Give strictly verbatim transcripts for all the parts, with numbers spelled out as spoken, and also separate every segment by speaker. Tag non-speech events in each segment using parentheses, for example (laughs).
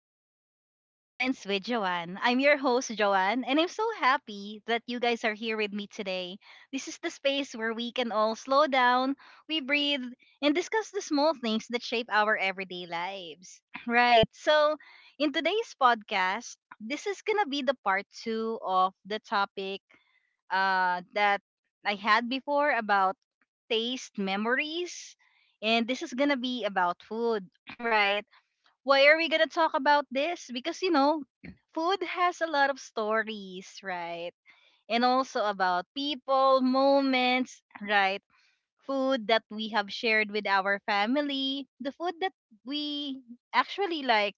Speaker 1: welcome to Mindful Moments with Joanne. I'm your host, Joanne, and I'm so happy that you guys are here with me today. This is the space where we can all slow down, we breathe, and discuss the small things that shape our everyday lives. (clears throat) Right, so in today's podcast, this is gonna be the part two of the topic uh, that I had before about taste memories, and this is gonna be about food, (clears throat) right? Why are we gonna talk about this? Because you know, food has a lot of stories, right? And also about people, moments, right? Food that we have shared with our family, the food that we actually like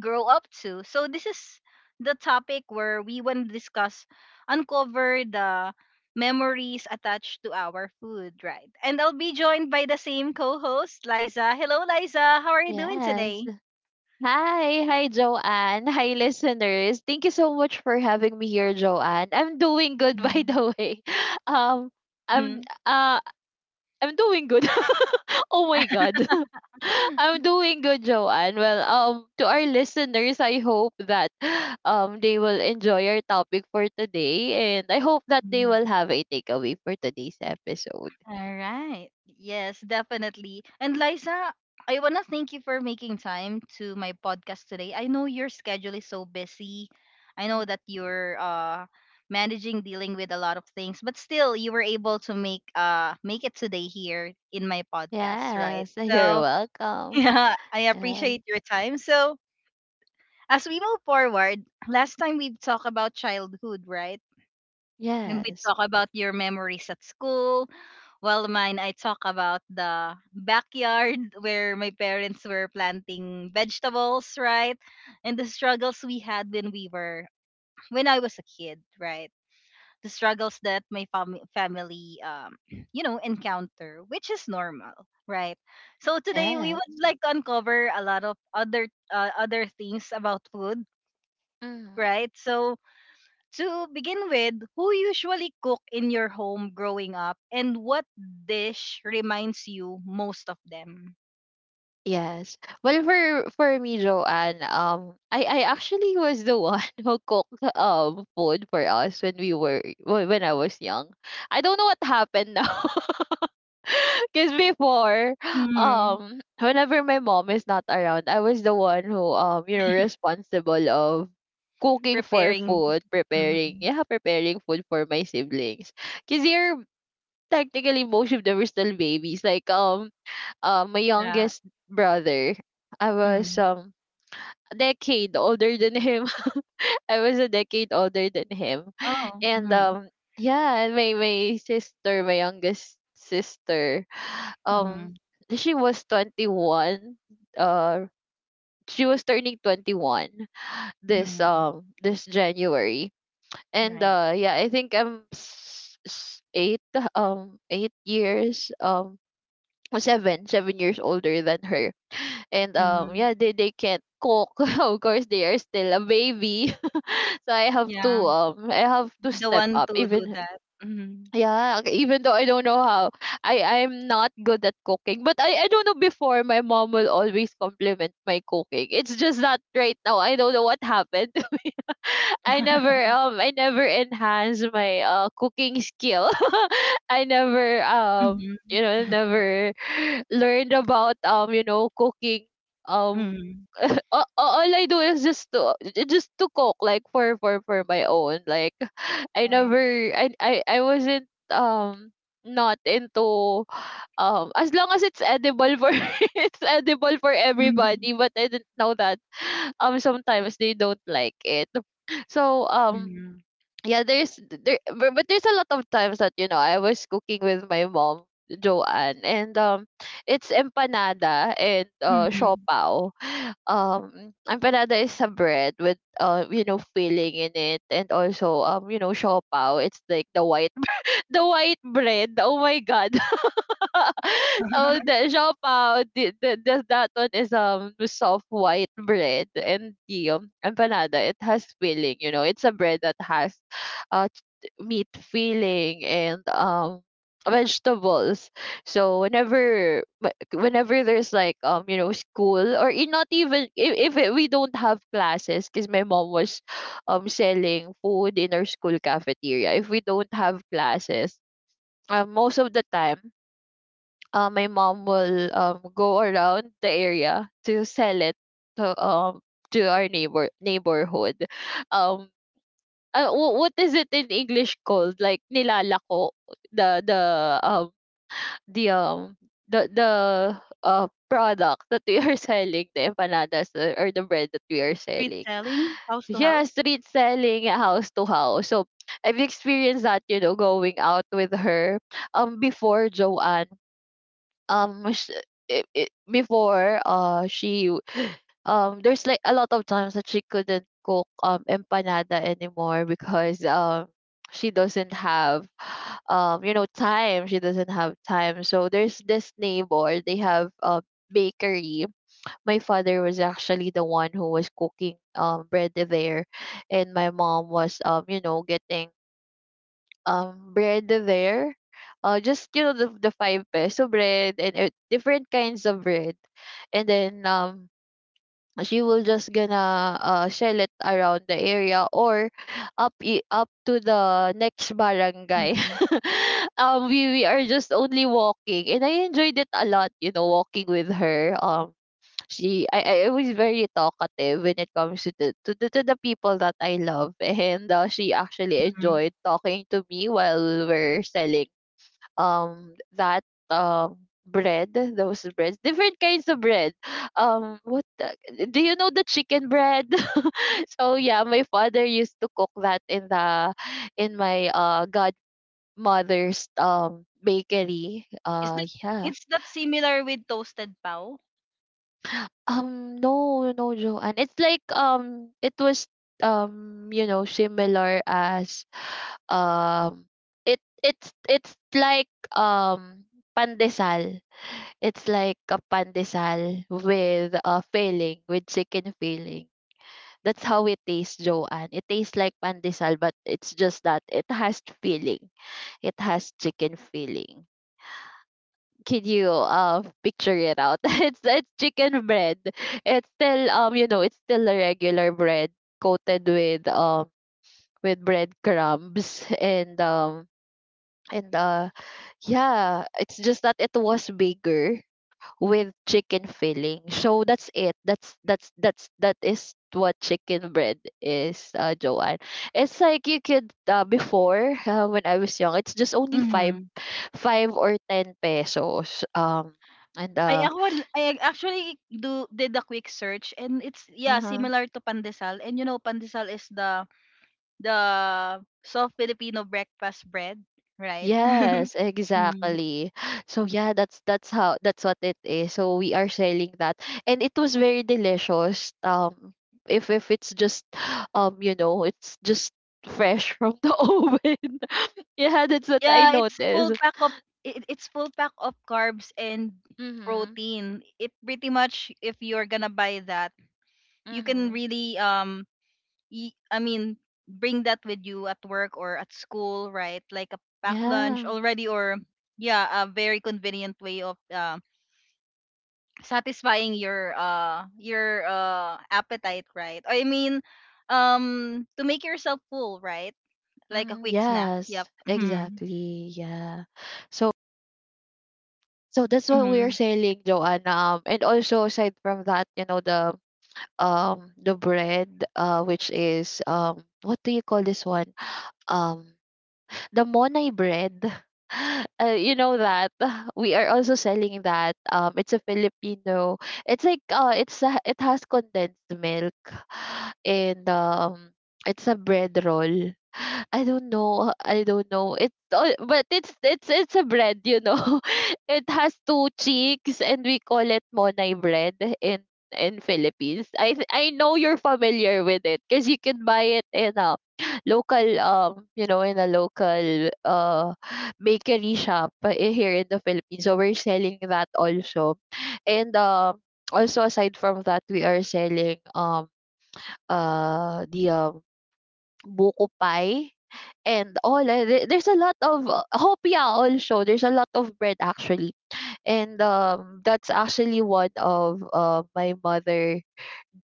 Speaker 1: grow up to. So this is the topic where we want to discuss, uncover the memories attached to our food, right? And I'll be joined by the same co-host, Liza. Hello, Liza. How are you doing
Speaker 2: Yes.
Speaker 1: today?
Speaker 2: Hi. Hi, Joanne. Hi, listeners. Thank you so much for having me here, Joanne. I'm doing good, (laughs) by the way. Um, I'm
Speaker 1: Mhm.
Speaker 2: uh, I'm doing good. (laughs) Oh my God. (laughs) I'm doing good, Joanne. Well, um, to our listeners, I hope that um they will enjoy our topic for today, and I hope that they
Speaker 1: Mhm.
Speaker 2: will have a takeaway for today's episode.
Speaker 1: All right. Yes, definitely. And Liza, I want to thank you for making time to my podcast today. I know your schedule is so busy. I know that you're uh managing dealing with a lot of things, but still you were able to make uh make it today here in my podcast, right?
Speaker 2: Yes, (laughs) you're
Speaker 1: So, (laughs)
Speaker 2: welcome.
Speaker 1: yeah, I
Speaker 2: Yeah.
Speaker 1: appreciate your time. So, as we move forward, last time we talked about childhood, right? And we
Speaker 2: Yes.
Speaker 1: talked about your memories at school. Well, mine, I talk about the backyard (laughs) where my parents were planting vegetables, right? And the struggles we had when we were, (clears throat) when I was a kid, right? The struggles that my fam- family, um, you know, encounter, which is normal, right? So today we would
Speaker 2: Yes.
Speaker 1: like to uncover a lot of other, uh, other things about food,
Speaker 2: Mm,
Speaker 1: right? So to begin with, who usually cook in your home growing up and what dish reminds you most of them?
Speaker 2: yes. Well, for for me, Joanne, um, I I actually was the one (laughs) who cooked um food for us when we were when when I was young. I don't know what happened now. (laughs) Because before,
Speaker 1: hmm
Speaker 2: um, whenever my mom is not around, I was the one who, um, you know, responsible of cooking for
Speaker 1: Preparing.
Speaker 2: food,
Speaker 1: hmm
Speaker 2: preparing, yeah, preparing food for my siblings. Because they're technically most of them are still babies. Like, um, uh, my
Speaker 1: Yeah.
Speaker 2: youngest brother, I was
Speaker 1: hmm
Speaker 2: um a decade older than him. (laughs) I was a decade older than him,
Speaker 1: Oh.
Speaker 2: and
Speaker 1: hmm
Speaker 2: um yeah, and my my sister, my youngest sister, um
Speaker 1: hmm
Speaker 2: she was twenty one. Uh, she was turning twenty one this
Speaker 1: hmm
Speaker 2: um this January, and
Speaker 1: Right.
Speaker 2: uh yeah, I think I'm s- s- eight um eight years um seven seven years older than her, and um
Speaker 1: hmm
Speaker 2: yeah, they, they can't cook. (laughs) Of course they are still a baby. (laughs) So I have to
Speaker 1: Yeah.
Speaker 2: um I have to
Speaker 1: Be the
Speaker 2: step
Speaker 1: one
Speaker 2: up,
Speaker 1: to do
Speaker 2: even.
Speaker 1: that. hmm
Speaker 2: Yeah, okay, even though I don't know how. I i'm not good at cooking, but i i don't know, before my mom will always compliment my cooking. It's just that right now I don't know what happened. (laughs) I never um I never enhance my uh cooking skill. (laughs) I never um
Speaker 1: hmm
Speaker 2: you know never learned about um you know, cooking. um
Speaker 1: hmm
Speaker 2: (laughs) all, all I do is just to just to cook, like, for for for my own, like. I
Speaker 1: Right.
Speaker 2: never I I I wasn't um not into. um as long as it's edible for (laughs) it's edible for
Speaker 1: (laughs) hmm
Speaker 2: everybody, but I didn't know that um sometimes they don't like it. So um yeah, there's there but, but there's a lot of times that, you know, I was cooking with my mom, Joanne, and um it's empanada and uh
Speaker 1: hmm
Speaker 2: siopao. um empanada is a bread with uh you know, filling in it, and also um you know, siopao, it's like the white (laughs) the white bread, oh my God. (laughs) So the
Speaker 1: (laughs)
Speaker 2: siopaw, the, the, the, that one is um soft white bread, and the um, empanada, it has filling. You know, it's a bread that has uh ch- meat filling and um vegetables. So whenever wh- whenever there's like um you know, school, or i- not, even if, if it- we don't have classes, because my mom was um selling food in our school cafeteria. If we don't have classes. Um, most of the time uh, my mom will um, go around the area to sell it to um to our neighbor neighborhood. Um, uh, wh- what is it in English called? Like nilalako, the the um the um the the uh product that we are (laughs) selling, the empanadas, uh, or the bread that we are
Speaker 1: Street
Speaker 2: selling.
Speaker 1: selling, house to
Speaker 2: Yeah,
Speaker 1: house.
Speaker 2: street selling, uh, house to house. So I've experienced that, you know, going out with her um before, Joanne. Um sh- it, it, before uh she w- um there's like a lot of times that she couldn't cook um empanada anymore, because um she doesn't have (sighs) um you know, time she doesn't have time. So there's this neighbor, they have a bakery. My father was actually the one who was cooking um bread there, and my mom was um you know, getting um bread there. Uh, just, you know, the the five peso bread and uh, different kinds of bread, and then um she will just gonna uh shell it around the area, or up i- up to the next barangay.
Speaker 1: hmm
Speaker 2: (laughs) um, we we are just only walking, and I enjoyed it a lot. You know, walking with her. Um, She, I I was very talkative when it comes to the to the, to the people that I love, (laughs) and uh, she actually
Speaker 1: hmm
Speaker 2: enjoyed talking to me while we were selling um that um bread, those breads, different kinds of bread. Um, what the, do you know the chicken bread? (laughs) So yeah, my father used to cook that in the, in my uh godmother's um bakery.
Speaker 1: Is
Speaker 2: Uh,
Speaker 1: that
Speaker 2: yeah.
Speaker 1: it's that similar with toasted pow?
Speaker 2: Um, no, no, Joanne. It's like um, it was um, you know, similar as um, it it's it's like um, pandesal. It's like a pandesal with a filling, with chicken filling. That's how it tastes, Joanne. It tastes like pandesal, but it's just that it has filling. It has chicken filling. Can you uh picture it out? (laughs) It's it's chicken bread. It's still um you know, it's still a regular bread coated with um with bread crumbs, and um and uh yeah, it's just that it was bigger with chicken filling. So that's it. That's that's that's that is what chicken bread is, uh, Joanne. It's like you could, uh, before, uh, when I was young, it's just only five,
Speaker 1: Mhm.
Speaker 2: five or ten pesos. Um, and
Speaker 1: Ay ako wal I actually do did a quick search and it's yeah,
Speaker 2: uh,
Speaker 1: similar to pandesal. And you know, pandesal is the the soft Filipino breakfast bread, right?
Speaker 2: Yes,
Speaker 1: (laughs) Mm.
Speaker 2: exactly. So yeah, that's that's how that's what it is. So we are selling that, and it was very delicious. Um, if if it's just, um, you know, it's just fresh from the (laughs) oven. Yeah, that's what I
Speaker 1: Yeah, it's full
Speaker 2: noticed.
Speaker 1: pack of it, it's full pack of carbs and
Speaker 2: Mm-hmm.
Speaker 1: protein. It pretty much if you're gonna buy that, you can
Speaker 2: Mm-hmm.
Speaker 1: really um y- I mean, bring that with you at work or at school, right? Like a pack lunch
Speaker 2: Yeah.
Speaker 1: already, or yeah, a very convenient way of uh, satisfying your uh your uh appetite, right? I mean, um, to make yourself full, right? Like a
Speaker 2: Mm-hmm.
Speaker 1: quick snack. Yep.
Speaker 2: Yes,
Speaker 1: Mm-hmm.
Speaker 2: exactly. Yeah. So, so that's what we're
Speaker 1: Mm-hmm.
Speaker 2: selling, Joanna. Um, and also aside from that, you know, the um the bread uh which is, um what do you call this one, um the Monay bread. (laughs) Uh, you know that (laughs) we are also selling that. Um, it's a Filipino. It's like uh, it's a, it has condensed milk, (sighs) and um, it's a bread roll. (sighs) I don't know. I don't know. It's all, but it's it's it's a bread, you know. (laughs) It has two cheeks, and we call it Monay bread in in Philippines. I th- I know you're familiar with it because you can buy it in uh, local, um you know, in a local uh (sighs) bakery shop, uh, i- here in the Philippines. So we're selling that also, and um also aside from that, we are selling um uh the um buko pie, and all, uh, there- there's a lot of, uh, hopia, also, there's a lot of bread, actually. And um that's actually one of, uh, my mother,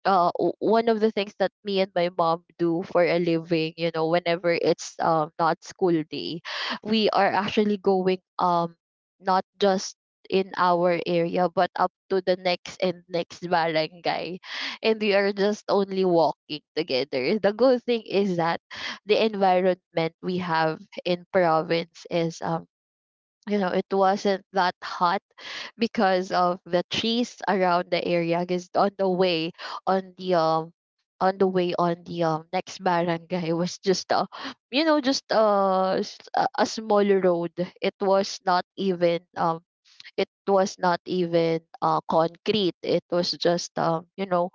Speaker 2: uh w- one of the things that me and my mom do for a living. You know, whenever it's um not school day, we are actually going um not just in our area, but up to the next and next barangay, and we are just only walking together. The good thing is that the environment we have in province is, um you know, it wasn't that hot because of the trees around the area. Because on the way on the um on the way on the um next barangay was just a, you know, just uh, s- a a small road. It was not even um it was not even uh concrete. It was just um you know,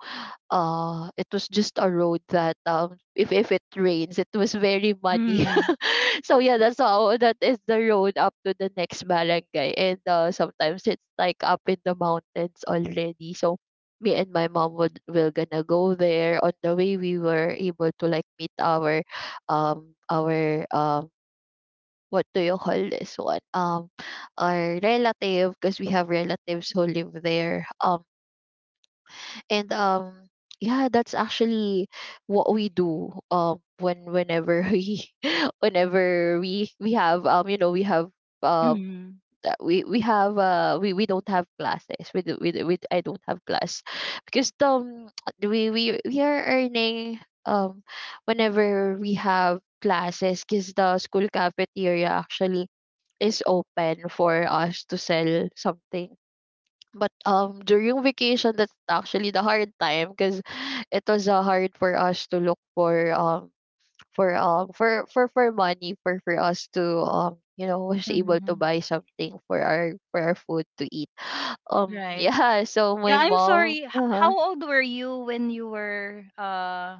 Speaker 2: uh it was just a road that, um if if it rains, it was very muddy.
Speaker 1: Mm-hmm.
Speaker 2: (laughs) So yeah, that's how, that is the road up to the next barangay, and uh sometimes it's like up in the mountains already. So me and my mom would, will gonna go there. On the way, we were able to like meet our um our um what do you call this one, um our relative, because we have relatives who live there, um and um yeah, that's actually what we do um when, whenever (laughs) we, whenever we we have, um you know, we have, um
Speaker 1: Mm-hmm.
Speaker 2: uh, we we have, uh we, we don't have classes. We do, we, do- we, I don't have class, because um (tsk) we we we are earning um whenever we have classes, because the school cafeteria actually is open for us to sell something. But um during vacation, that's actually the hard time, because it was uh, hard for us to look for um for um for for for money, for for us to um you know, was able to
Speaker 1: Mm-hmm.
Speaker 2: buy something for our, for our food to eat. (gasps) (sighs) um
Speaker 1: Right.
Speaker 2: yeah, so
Speaker 1: Yeah,
Speaker 2: my
Speaker 1: I'm
Speaker 2: mom,
Speaker 1: sorry. H-
Speaker 2: uh
Speaker 1: how
Speaker 2: huh,
Speaker 1: old were you when you were uh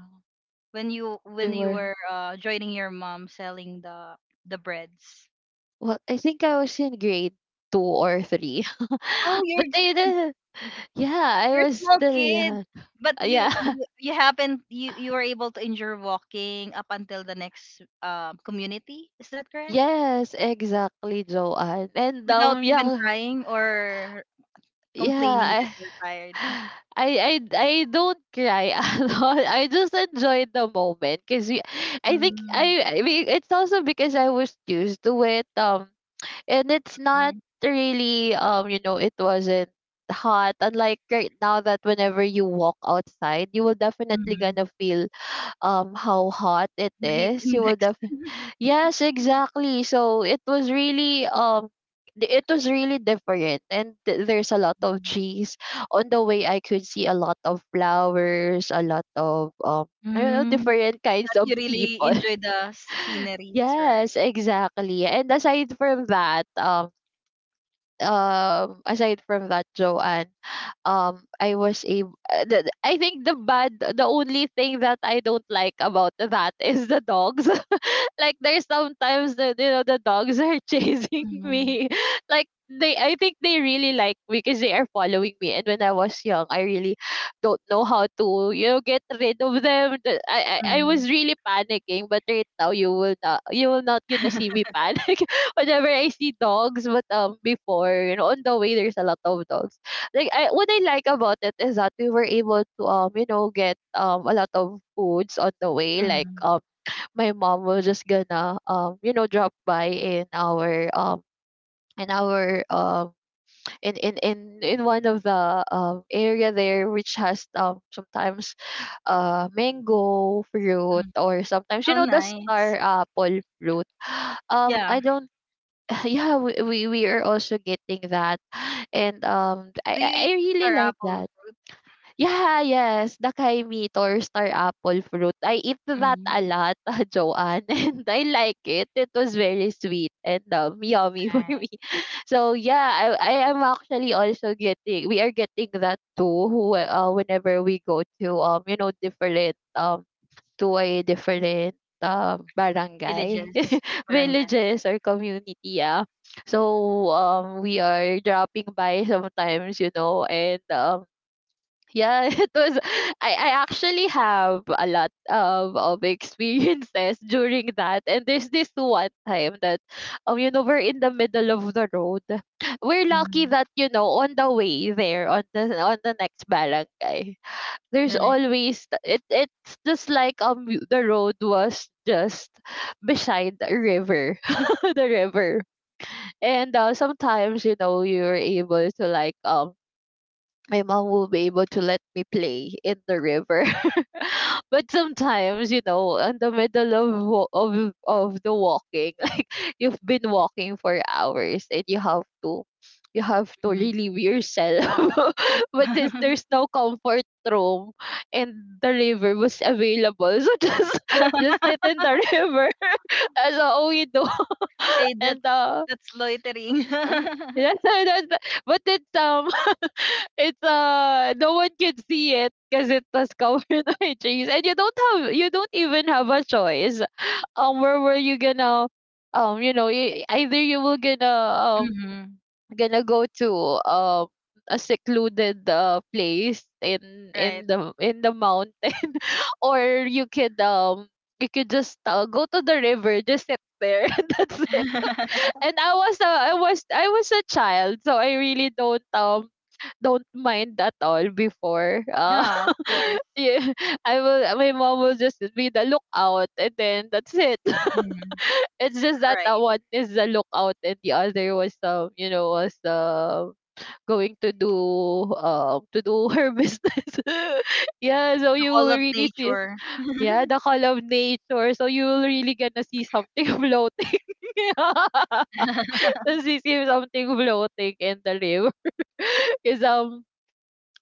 Speaker 1: when you
Speaker 2: they
Speaker 1: when you
Speaker 2: were,
Speaker 1: were uh, joining your mom selling the the breads.
Speaker 2: well, I think I was in grade two or three. (laughs)
Speaker 1: Oh,
Speaker 2: But
Speaker 1: you're just
Speaker 2: they did. Yeah, I
Speaker 1: you're a
Speaker 2: was
Speaker 1: small
Speaker 2: still
Speaker 1: kid,
Speaker 2: young.
Speaker 1: but you
Speaker 2: Yeah.
Speaker 1: you
Speaker 2: (laughs)
Speaker 1: you haven't you you were able to endure walking up until the next uh, community. Is that correct?
Speaker 2: Yes, exactly, Joanne. And
Speaker 1: Without
Speaker 2: um,
Speaker 1: even
Speaker 2: yeah.
Speaker 1: crying or complaining that
Speaker 2: Yeah, I,
Speaker 1: you're tired.
Speaker 2: (sighs) I, I, I don't cry (laughs) a lot. I just enjoy the moment, because I think,
Speaker 1: Mm,
Speaker 2: I, I mean, it's also because I was used to it. Um, and it's not
Speaker 1: mm,
Speaker 2: really, um, you know, it wasn't hot. Unlike right now, that whenever you walk outside, you will definitely
Speaker 1: mm.
Speaker 2: gonna feel um how hot it
Speaker 1: (laughs) The heat
Speaker 2: is. You will
Speaker 1: index.
Speaker 2: Yes, exactly. So it was really um th- it was really different and th- there's a lot of
Speaker 1: Mm,
Speaker 2: trees on the way. I could see a lot of flowers, a lot of um I don't know,
Speaker 1: Mm.
Speaker 2: different
Speaker 1: (laughs) that
Speaker 2: kinds
Speaker 1: you
Speaker 2: of
Speaker 1: really
Speaker 2: people.
Speaker 1: enjoy the
Speaker 2: (laughs)
Speaker 1: sceneries, right?
Speaker 2: Yes, exactly. And aside from that, um um aside from that, Joanne, um I was able, I think the bad the only thing that I don't like about that is the dogs. (laughs) Like there's sometimes the you know the dogs are (laughs) chasing
Speaker 1: Mm,
Speaker 2: me. (laughs) Like they, I think they really like me because they are following me, and when I was young, I really don't know how to, you know get rid of them. The- i i, I
Speaker 1: mm,
Speaker 2: was really panicking, but right now you will not, you will not gonna see
Speaker 1: (laughs)
Speaker 2: me panic (laughs) whenever I see dogs. But um before, you know, on the way, there's a lot of dogs. Like I, what I like about it is that we were able to, um you know get um a lot of foods on the way, like
Speaker 1: mm,
Speaker 2: um my mom was just gonna, um you know drop by in our um in our um in in in, in one of the um area there which has um sometimes uh mango fruit,
Speaker 1: mm.
Speaker 2: or sometimes, you
Speaker 1: Oh,
Speaker 2: know, the star
Speaker 1: nice.
Speaker 2: apple fruit. (sighs) um
Speaker 1: Yeah.
Speaker 2: I don't (laughs) yeah, we, we we are also getting that. And um i
Speaker 1: Do
Speaker 2: i
Speaker 1: you eat
Speaker 2: I really
Speaker 1: star
Speaker 2: like
Speaker 1: apple
Speaker 2: that.
Speaker 1: fruit?
Speaker 2: Yeah, yes, the kaimito or star apple fruit. I eat that a
Speaker 1: Mm.
Speaker 2: lot, (laughs) Joanne, and I like it. It was very sweet and um, yummy (laughs) for me.
Speaker 1: Right.
Speaker 2: So yeah, I I am actually also getting. We are getting that too. Who uh, whenever we go to, um you know different um to a different um barangay
Speaker 1: Villages,
Speaker 2: (laughs)
Speaker 1: barangay.
Speaker 2: villages or community, yeah. So um we are dropping by sometimes, you know, and um yeah, (laughs) it was. I, I actually have a lot of, of experiences (laughs) during that. And there's this one time that, um, you know, we're in the middle of the road. We're lucky
Speaker 1: Mm.
Speaker 2: that, you know, on the way there, on the on the next barangay, there's
Speaker 1: Right.
Speaker 2: always th- it it's just like um the road was just beside the river, (laughs) the river. And uh, sometimes, you know, you're able to like um my mom will be able to let me play in the river. (laughs) But sometimes, you know, in the middle of wa- of of the walking, (laughs) like you've been walking for hours, and you have to, you have to
Speaker 1: Mm.
Speaker 2: relieve yourself. (laughs) But since there's no comfort room and the river was available, so (laughs) just just sit
Speaker 1: (laughs)
Speaker 2: in the river. (laughs) That's all we do.
Speaker 1: Hey,
Speaker 2: (laughs)
Speaker 1: that's
Speaker 2: And uh,
Speaker 1: that's loitering.
Speaker 2: mm,
Speaker 1: (laughs)
Speaker 2: that's, that's, but it's um it's uh no one can see it because it was covered (laughs) by trees, and you don't have you don't even have a choice. Um, where were you gonna, um, you know, e- either you were gonna, um
Speaker 1: hmm
Speaker 2: gonna go to um a secluded uh place in
Speaker 1: Right.
Speaker 2: in the in the mountain, (laughs) or you could um you could just uh, go to the river, just sit there. (laughs) And that's it. And
Speaker 1: (laughs)
Speaker 2: I was a I was, I was a child, so I really don't um don't mind at all before. Uh,
Speaker 1: Yeah, of
Speaker 2: (laughs)
Speaker 1: course.
Speaker 2: yeah, I will. My mom will just be the lookout, and then that's it. (laughs)
Speaker 1: Mm.
Speaker 2: It's just that, uh,
Speaker 1: Right.
Speaker 2: one is the lookout, and the other was, um you know was um going to do um to do her (laughs) business. (laughs) Yeah, so
Speaker 1: The
Speaker 2: you
Speaker 1: call
Speaker 2: will
Speaker 1: of
Speaker 2: really see.
Speaker 1: nature. (laughs)
Speaker 2: Yeah, the call of nature. So you will really gonna see something (laughs) floating. (laughs) (laughs) Tapos we see something floating in the river. (laughs) Because um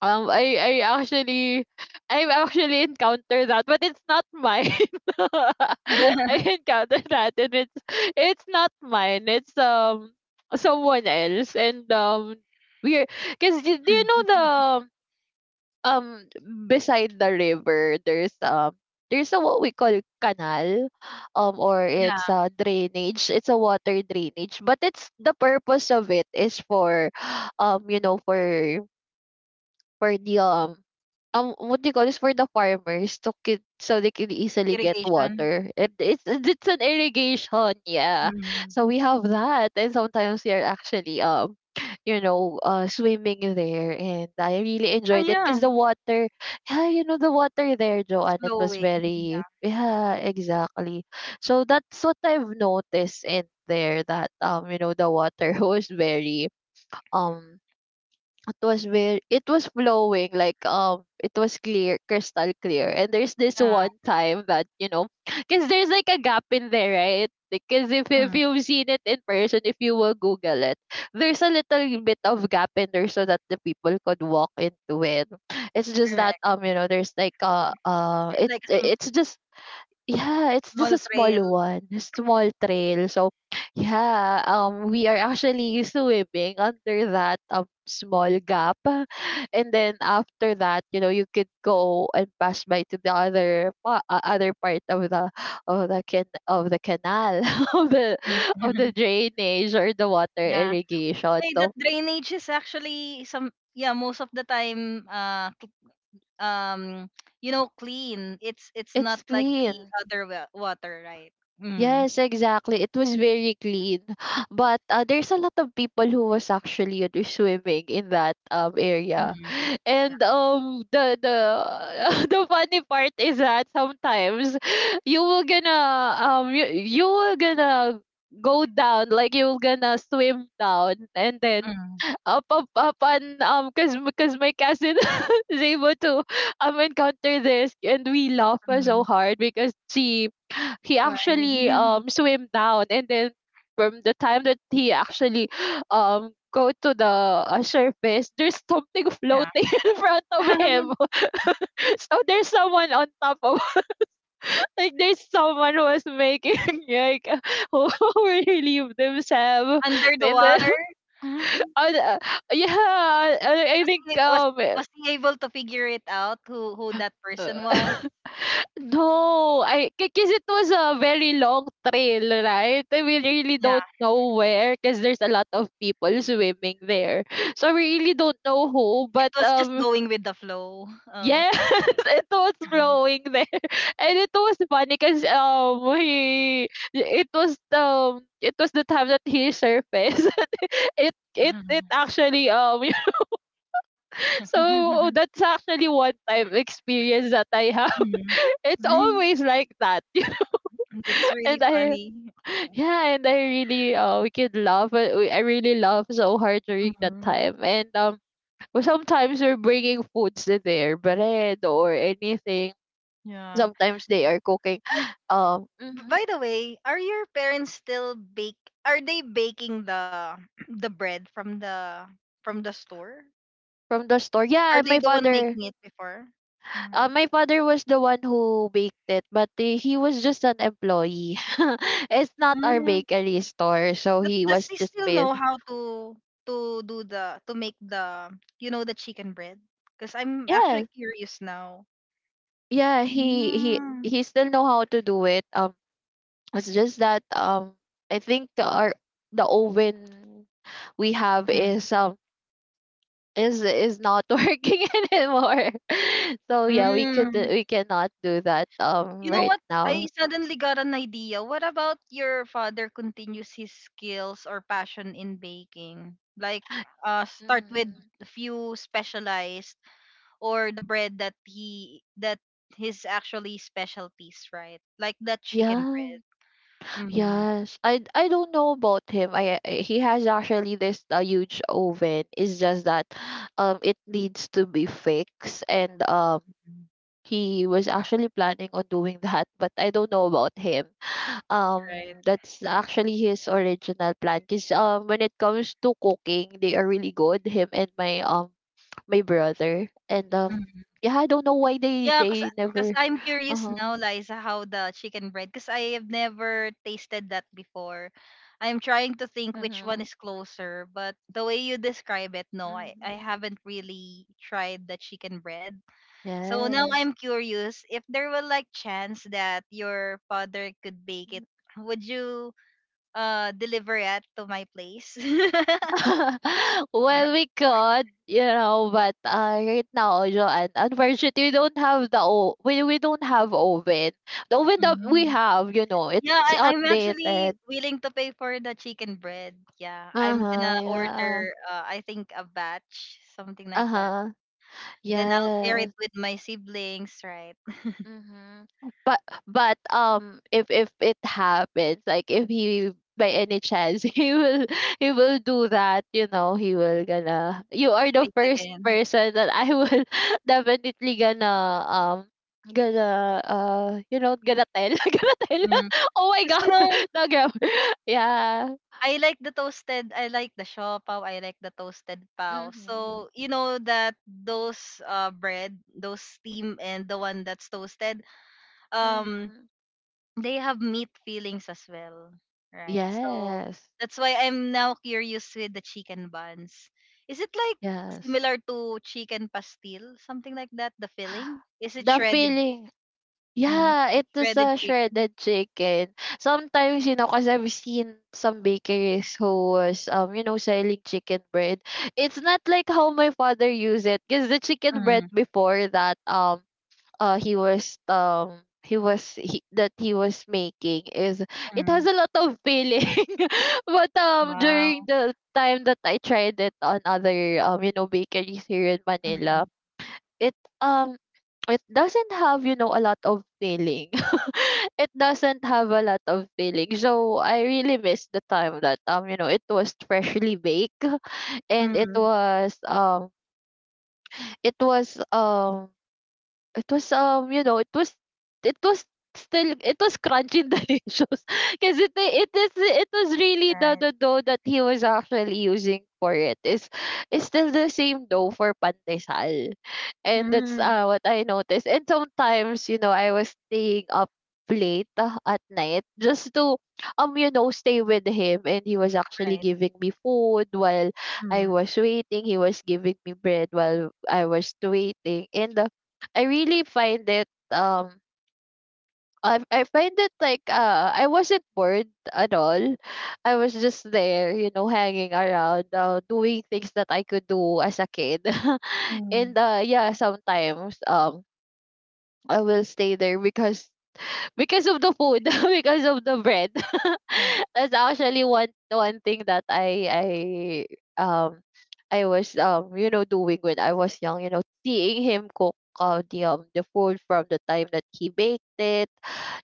Speaker 2: um I I actually, I've actually encountered that, but it's not mine. (laughs) I encountered that, and it's it's not mine. It's um someone else. And um we're because, do you know the um beside the river there's um there's a, what we call canal, um or it's
Speaker 1: Yeah.
Speaker 2: a drainage, it's a water drainage, but it's the purpose of it is for um you know for for the um um what do you call this, for the farmers to get, so they can easily get
Speaker 1: Irrigation.
Speaker 2: water. And it's (laughs) it's an irrigation, yeah.
Speaker 1: Mm.
Speaker 2: So we have that, and sometimes we are actually, um you know uh swimming there. And I really
Speaker 1: Ah,
Speaker 2: enjoyed it
Speaker 1: yeah.
Speaker 2: because the water, yeah, you know, the water there,
Speaker 1: It's
Speaker 2: Joanne, it was
Speaker 1: flowing.
Speaker 2: very,
Speaker 1: Yeah.
Speaker 2: yeah, exactly. So that's what I've noticed in there, that, um you know, the water (laughs) was very um it was very, it was flowing like um it was clear, crystal clear. And there's this
Speaker 1: Yeah.
Speaker 2: one time that, you know, (laughs) because there's like a gap in there, right? Because if, if
Speaker 1: Mm,
Speaker 2: you've seen it in person, if you will google it, there's a little bit of gap in there so that the people could walk into it. It's just that,
Speaker 1: correct.
Speaker 2: um you know, there's like uh uh it
Speaker 1: Like a sm-
Speaker 2: it's just, yeah, it's just
Speaker 1: small
Speaker 2: a
Speaker 1: trail.
Speaker 2: small one, a small trail. So, yeah, um, we are actually (laughs) swimming under that um small gap, (laughs) and then after that, you know, you could go and pass by to the other pa- uh, other part of the of the can of the canal (laughs) of the
Speaker 1: Mm.
Speaker 2: of the
Speaker 1: (laughs)
Speaker 2: drainage or the water
Speaker 1: Yeah.
Speaker 2: irrigation.
Speaker 1: Hey, that
Speaker 2: So
Speaker 1: drainage is actually some yeah, most of the time uh cl- um you know clean. It's it's not
Speaker 2: it's
Speaker 1: like the
Speaker 2: clean.
Speaker 1: other wa- water, right? Mm.
Speaker 2: Yes, exactly. It was very clean. (gasps) But uh, there's a lot of people who was actually, you swimming in that um area.
Speaker 1: Mm.
Speaker 2: (laughs)
Speaker 1: Yeah.
Speaker 2: And um the the (laughs) the funny part is that sometimes (laughs) you will gonna, um you, you will gonna go down, like you're gonna swim down, and then
Speaker 1: Mm.
Speaker 2: up, up, up. And um because because my cousin (laughs) is able to um encounter this, and we laugh so
Speaker 1: Mm.
Speaker 2: hard because she he
Speaker 1: Right.
Speaker 2: actually um
Speaker 1: (laughs)
Speaker 2: swim down, and then from the time that he actually um go to the uh, surface, there's something
Speaker 1: Yeah.
Speaker 2: floating (laughs) in front of
Speaker 1: (laughs)
Speaker 2: him. (laughs) So there's someone on top of, (laughs) like there's someone who was making (laughs) like (laughs) who relieved themselves.
Speaker 1: Under the
Speaker 2: And then (laughs)
Speaker 1: water. (laughs)
Speaker 2: uh, yeah, I, I
Speaker 1: was
Speaker 2: think
Speaker 1: he, was
Speaker 2: um
Speaker 1: was he able to figure it out who who that
Speaker 2: uh,
Speaker 1: person was?
Speaker 2: (laughs) no, I, because it was a very long trail, right? And we really
Speaker 1: Yeah.
Speaker 2: don't know where, because there's a lot of people swimming there, so we really don't know who.
Speaker 1: It
Speaker 2: But
Speaker 1: was just
Speaker 2: um,
Speaker 1: going with the flow. Oh.
Speaker 2: yes, (laughs) it was flowing there, (laughs) and it was funny because um he it was, um it was the time that he surfaced. (laughs) it it it
Speaker 1: (laughs)
Speaker 2: actually um so, oh,
Speaker 1: (laughs)
Speaker 2: that's actually one time experience that I have.
Speaker 1: Mhm.
Speaker 2: (laughs) It's
Speaker 1: (laughs)
Speaker 2: always like that. (laughs)
Speaker 1: That's really
Speaker 2: And I,
Speaker 1: funny.
Speaker 2: yeah, and I really uh we could laugh uh, we- I really laugh so hard during that
Speaker 1: Mhm.
Speaker 2: time. And um well, sometimes we're bringing foods to there, bread or anything.
Speaker 1: Yeah.
Speaker 2: Sometimes they are cooking
Speaker 1: Uh,
Speaker 2: (gasps) um
Speaker 1: b-
Speaker 2: mhm,
Speaker 1: by the way, are your parents still bake? Are they baking the (clears throat) the bread from the from the store?
Speaker 2: from the store.
Speaker 1: Are
Speaker 2: Yeah,
Speaker 1: they
Speaker 2: my
Speaker 1: the one
Speaker 2: father
Speaker 1: making it before?
Speaker 2: Uh,
Speaker 1: Mhm.
Speaker 2: my father was the one who baked it, but uh, he was just an employee. (laughs) It's not our
Speaker 1: Mm.
Speaker 2: bakery store, so
Speaker 1: But
Speaker 2: he
Speaker 1: does
Speaker 2: was
Speaker 1: he
Speaker 2: just
Speaker 1: still know
Speaker 2: paid.
Speaker 1: how to to do the to make the you know the chicken bread? Because I'm
Speaker 2: Yeah,
Speaker 1: actually curious now.
Speaker 2: yeah, he he
Speaker 1: Mm.
Speaker 2: he still know how to do it. Um, it's just that, um, I think our the oven we have
Speaker 1: Mm.
Speaker 2: is um is is not (laughs) working anymore. (laughs) So yeah, we could
Speaker 1: Mm.
Speaker 2: we cannot do that um
Speaker 1: You know
Speaker 2: right
Speaker 1: what?
Speaker 2: now.
Speaker 1: I suddenly got an idea. What about your father continues his skills or passion in baking? Like, uh, start with
Speaker 2: Mm.
Speaker 1: a few specialized or the bread that he that his actually specialties, right? Like that chicken
Speaker 2: Yeah.
Speaker 1: bread. Mm-hmm.
Speaker 2: Yes, I I don't know about him. I I- he has actually this a huge oven. It's just that um it needs to be fixed, and um he was actually planning on doing (laughs) that, but I don't know about him.
Speaker 1: Right.
Speaker 2: Um that's actually his original plan, cuz um when it comes to cooking, they are really good, him and my um my brother. And um yeah, I don't know why they
Speaker 1: Yeah, cause,
Speaker 2: they
Speaker 1: cause
Speaker 2: never
Speaker 1: I'm curious
Speaker 2: uh-huh.
Speaker 1: now, Liza, how the chicken bread, cause I have never tasted that before. I'm trying to think which one
Speaker 2: Mhm.
Speaker 1: is closer, but the way you describe it, no, I, I
Speaker 2: Mhm.
Speaker 1: haven't really tried the chicken bread. So now
Speaker 2: Yes.
Speaker 1: I'm curious if there will like chance that your father could bake it, would you uh deliver it to my place? (laughs)
Speaker 2: (laughs) Well, we could, you know, but uh, right now, Joanne, unfortunately, we don't have the o- we we don't have oven. The oven that we
Speaker 1: Mhm.
Speaker 2: have, you know,
Speaker 1: Yeah,
Speaker 2: it's
Speaker 1: I, I'm actually
Speaker 2: outdated.
Speaker 1: willing to pay for the chicken bread. Yeah,
Speaker 2: Uh
Speaker 1: I'm gonna
Speaker 2: huh. Yeah.
Speaker 1: order, uh, I think, a batch, something like
Speaker 2: Uh
Speaker 1: that.
Speaker 2: huh.
Speaker 1: Then I'll share it
Speaker 2: Yes.
Speaker 1: with my siblings, right?
Speaker 2: Mhm. But but um if if it happens, like if he, by any chance, (laughs) he will, he will do that, you know, he will gonna, you are the
Speaker 1: Bake
Speaker 2: first
Speaker 1: again.
Speaker 2: person that I will (laughs) definitely gonna um gonna uh you know, gonna tell, (laughs) gonna tell, (laughs) oh my
Speaker 1: Because, you
Speaker 2: god,
Speaker 1: know,
Speaker 2: (laughs) no grab, (laughs) yeah.
Speaker 1: I like the toasted, I like the shaw pao, I like the toasted pao.
Speaker 2: Mhm.
Speaker 1: So, you know that those uh bread, those steam and the one that's toasted, um,
Speaker 2: Mhm.
Speaker 1: they have meat fillings as well, right? So
Speaker 2: Yes.
Speaker 1: that's why I'm now curious with the chicken buns. Is it like
Speaker 2: Yes.
Speaker 1: similar to chicken pastil, something like that? The
Speaker 2: (sighs)
Speaker 1: filling is it
Speaker 2: The
Speaker 1: shredded?
Speaker 2: feeling,
Speaker 1: Mm, is
Speaker 2: yeah,
Speaker 1: it
Speaker 2: it was
Speaker 1: shredded
Speaker 2: a
Speaker 1: chicken?
Speaker 2: shredded chicken. Sometimes, you know, because I've seen some bakeries who was, um, you know, selling chicken bread. It's not like how my father used it, because the chicken bread
Speaker 1: Mm,
Speaker 2: before that, um, uh, he was, um, he was he, that he was making is, it has
Speaker 1: mm,
Speaker 2: a lot of filling, (laughs) but um,
Speaker 1: wow.
Speaker 2: during the time that I tried it on other um, you know, bakeries here in
Speaker 1: Mm,
Speaker 2: Manila, it um (tsk) it doesn't have you know a lot of feeling. (laughs) It doesn't have a lot of feeling, so I really miss the time that um you know it was freshly baked. (laughs) and it
Speaker 1: mm,
Speaker 2: was um it was um it was, um, you know, it was it was still, it was crunchy and (laughs) delicious, because it it is it was really the
Speaker 1: right.
Speaker 2: the dough that he was actually using for it is is still the same dough for pandesal. And that's
Speaker 1: Mm,
Speaker 2: uh what I noticed. And sometimes you know I was staying up late uh, at night, just to um you know stay with him, and he was actually
Speaker 1: right.
Speaker 2: giving me food while I
Speaker 1: Mm,
Speaker 2: was waiting. He was giving me bread while I was waiting. And uh, I really find it, um I I find it like uh I wasn't bored at all. I was just there, you know, hanging around, uh, doing things that I could do as a kid. (laughs)
Speaker 1: mm,
Speaker 2: and uh yeah, sometimes um I will stay there, because because of the food, (laughs) because of the bread.
Speaker 1: right.
Speaker 2: (laughs) That's actually one one thing that I I um I was um you know doing when I was young. You know, seeing him cook, uh, the um the food from the time that he baked it.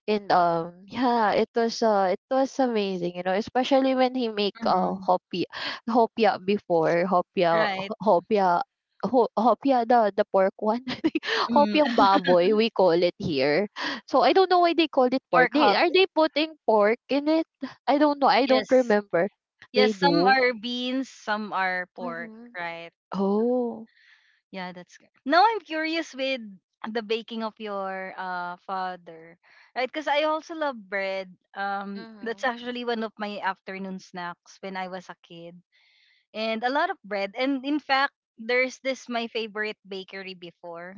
Speaker 2: And, um, yeah, it was uh it was amazing, you know, especially when he make uh
Speaker 1: Mm,
Speaker 2: hopia, hopia before, hopia
Speaker 1: right.
Speaker 2: ho- hopia ho, hopia, the the pork one. (laughs) I think.
Speaker 1: Mm.
Speaker 2: Hopiang
Speaker 1: (laughs)
Speaker 2: baboy, we call it here. So I don't know why they call it pork.
Speaker 1: Pork
Speaker 2: They
Speaker 1: hop.
Speaker 2: are they putting pork in it? I don't know. I don't
Speaker 1: Yes.
Speaker 2: remember.
Speaker 1: Yes.
Speaker 2: They
Speaker 1: Some
Speaker 2: do.
Speaker 1: are beans. Some are pork.
Speaker 2: Mm-hmm.
Speaker 1: Right.
Speaker 2: Oh.
Speaker 1: Yeah, that's good. Now I'm curious with the baking of your uh father, right? Because I also love bread. Um, that's
Speaker 2: Mm-hmm.
Speaker 1: actually one of my afternoon snacks when I was a kid, and a lot of bread. And in fact, there's this my favorite bakery before.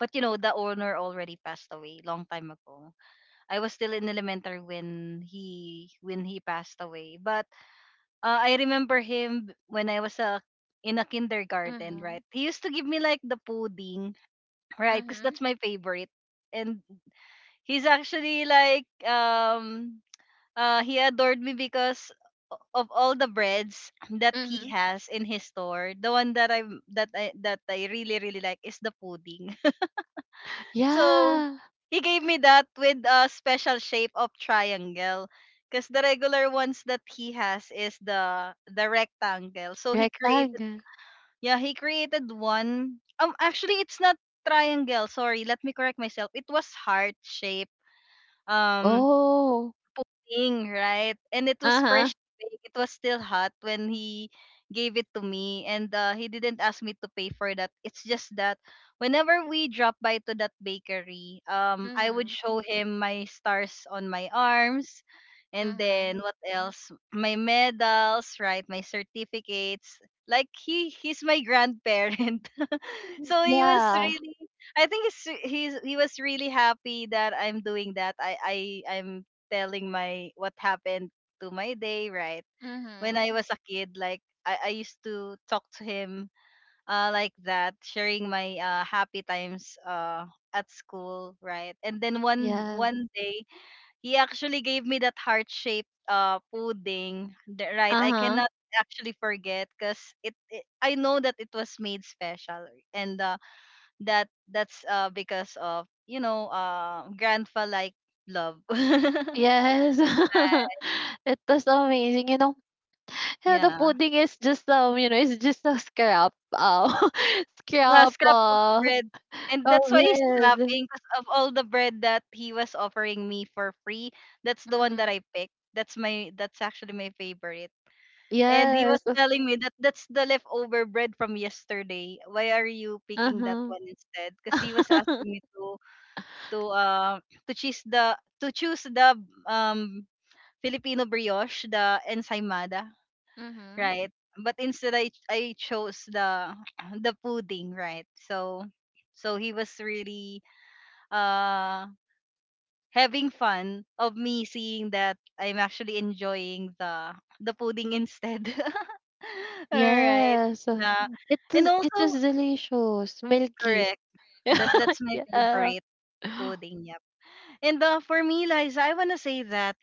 Speaker 1: But you know, the owner already passed away long time ago. I was still in elementary when he when he passed away. But uh, I remember him when I was a in a kindergarten,
Speaker 2: Mm-hmm.
Speaker 1: right? He used to give me like the pudding. Right, because
Speaker 2: Mm-hmm.
Speaker 1: that's my favorite. And he's actually like um uh he adored me because of all the breads that
Speaker 2: Mm-hmm.
Speaker 1: he has in his store. The one that I am that I that I really really like is the pudding. (laughs) So
Speaker 2: Yeah,
Speaker 1: he gave me that with a special shape of triangle because the regular ones that he has is the the rectangle. So he created.
Speaker 2: rectangle.
Speaker 1: Yeah, he created one. Um, actually, it's not triangle. Sorry, let me correct myself. It was heart shape um
Speaker 2: Oh.
Speaker 1: thing, right? And it was
Speaker 2: Uh-huh.
Speaker 1: fresh. Bake. It was still hot when he gave it to me, and uh, he didn't ask me to pay for that. It's just that whenever we drop by to that bakery, um, I would
Speaker 2: Mhm,
Speaker 1: show him my stars on my arms. And then
Speaker 2: mhm.
Speaker 1: what else? My medals, right? My certificates. Like he he's my grandparent,
Speaker 2: Mm,
Speaker 1: so he was
Speaker 2: yeah.
Speaker 1: really, I think he's he's he was really happy that I'm doing that, i i I'm telling my what happened to my day, right? When
Speaker 2: Mhm.
Speaker 1: I was a kid, like i i used to talk to him uh like that, sharing my uh happy times uh at school, right? And then one
Speaker 2: Yeah.
Speaker 1: one day he actually gave me that heart shaped uh pudding the- right? I
Speaker 2: Uh-huh.
Speaker 1: cannot actually forget because it, it, I know that it was made special, and uh that that's uh because of you know uh grandpa like love. (laughs)
Speaker 2: Yes. (laughs) It was amazing, you know. Yeah, the
Speaker 1: Yeah,
Speaker 2: pudding is just um, you know, it's just a scrap, uh, (laughs) scrap,
Speaker 1: last cup of
Speaker 2: uh,
Speaker 1: bread, and
Speaker 2: of
Speaker 1: that's why he's
Speaker 2: bread.
Speaker 1: laughing because of all the bread that he was offering me for free, that's the one that
Speaker 2: Mhm.
Speaker 1: I picked, that's my that's actually my favorite. And he was
Speaker 2: Yes.
Speaker 1: telling me that that's the leftover bread from yesterday, why are you picking that
Speaker 2: Uh-huh.
Speaker 1: one instead, because he was
Speaker 2: (laughs)
Speaker 1: asking me to to uh to choose the to choose the um Filipino brioche, the ensaymada,
Speaker 2: Mhm.
Speaker 1: right? But instead, I I chose the (clears throat) the pudding, right? So so he was really uh having fun of me seeing that I'm actually enjoying the the pudding instead. (laughs) All right,
Speaker 2: Yes.
Speaker 1: yeah,
Speaker 2: It
Speaker 1: and
Speaker 2: was it was
Speaker 1: also
Speaker 2: delicious, milky.
Speaker 1: correct that
Speaker 2: (laughs)
Speaker 1: that's my
Speaker 2: Yeah.
Speaker 1: favorite pudding. Yep. And uh, for me, Liza, I wanna say that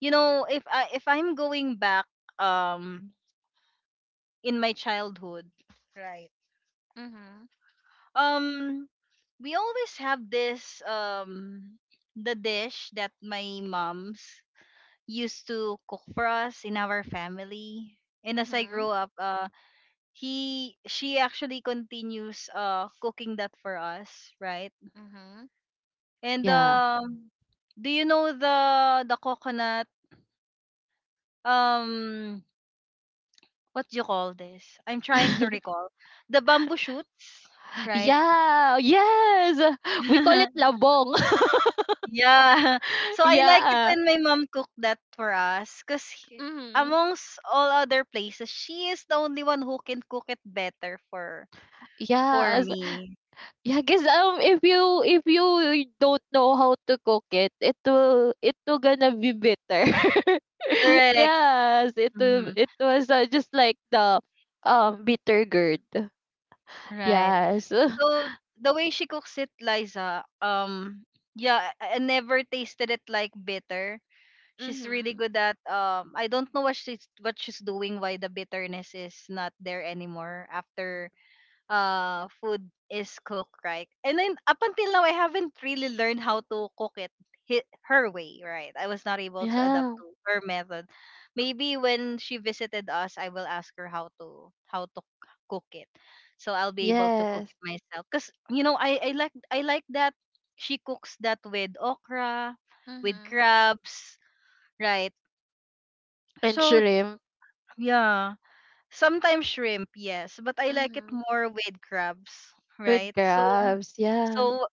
Speaker 1: you know if I if I'm going back um in my childhood. Right.
Speaker 2: Mhm,
Speaker 1: Um, we always have this um the dish that my mom's used to cook for us in our family. And as I
Speaker 2: mhm,
Speaker 1: grow up, uh, he she actually continues uh cooking that for us, right?
Speaker 2: mhm.
Speaker 1: And
Speaker 2: Yeah.
Speaker 1: um, do you know the the coconut um what do you call this? I'm trying to
Speaker 2: (laughs)
Speaker 1: recall the bamboo shoots, right?
Speaker 2: Yeah, yes. We call it
Speaker 1: (laughs)
Speaker 2: labong. (laughs)
Speaker 1: Yeah. (laughs) So I like it
Speaker 2: Yeah.
Speaker 1: when my mom cooked that for us because
Speaker 2: Mhm.
Speaker 1: amongst all other places, she is the only one who can cook it better for for
Speaker 2: Yes.
Speaker 1: me.
Speaker 2: Yeah, cause um if you if you don't know how to cook it, it will it will gonna be bitter. (laughs)
Speaker 1: Correct.
Speaker 2: Yes, it will-
Speaker 1: Mhm.
Speaker 2: it was, uh, just like the um bitter gourd.
Speaker 1: Right.
Speaker 2: Yes. (laughs)
Speaker 1: So the way she cooks it, Liza, um yeah, I I never tasted it like bitter. She's really
Speaker 2: Mhm.
Speaker 1: good at um I don't know what she's what she's doing why the bitterness is not there anymore after uh food is cooked right, and then up until now I haven't really learned how to cook it. Hi. Her way, right? I was not able to adapt
Speaker 2: Yeah.
Speaker 1: to her method. Maybe when she visited us, I will ask her how to how to c- cook it, so I'll be able to cook
Speaker 2: Yes.
Speaker 1: it myself, because you know i i like i like that she cooks that with okra, with
Speaker 2: Mhm.
Speaker 1: crabs, right?
Speaker 2: And
Speaker 1: So
Speaker 2: shrimp.
Speaker 1: yeah. Sometimes shrimp, yes, but I like it
Speaker 2: Mm-hmm.
Speaker 1: more with crabs, right?
Speaker 2: With
Speaker 1: So
Speaker 2: crabs. Yeah.
Speaker 1: so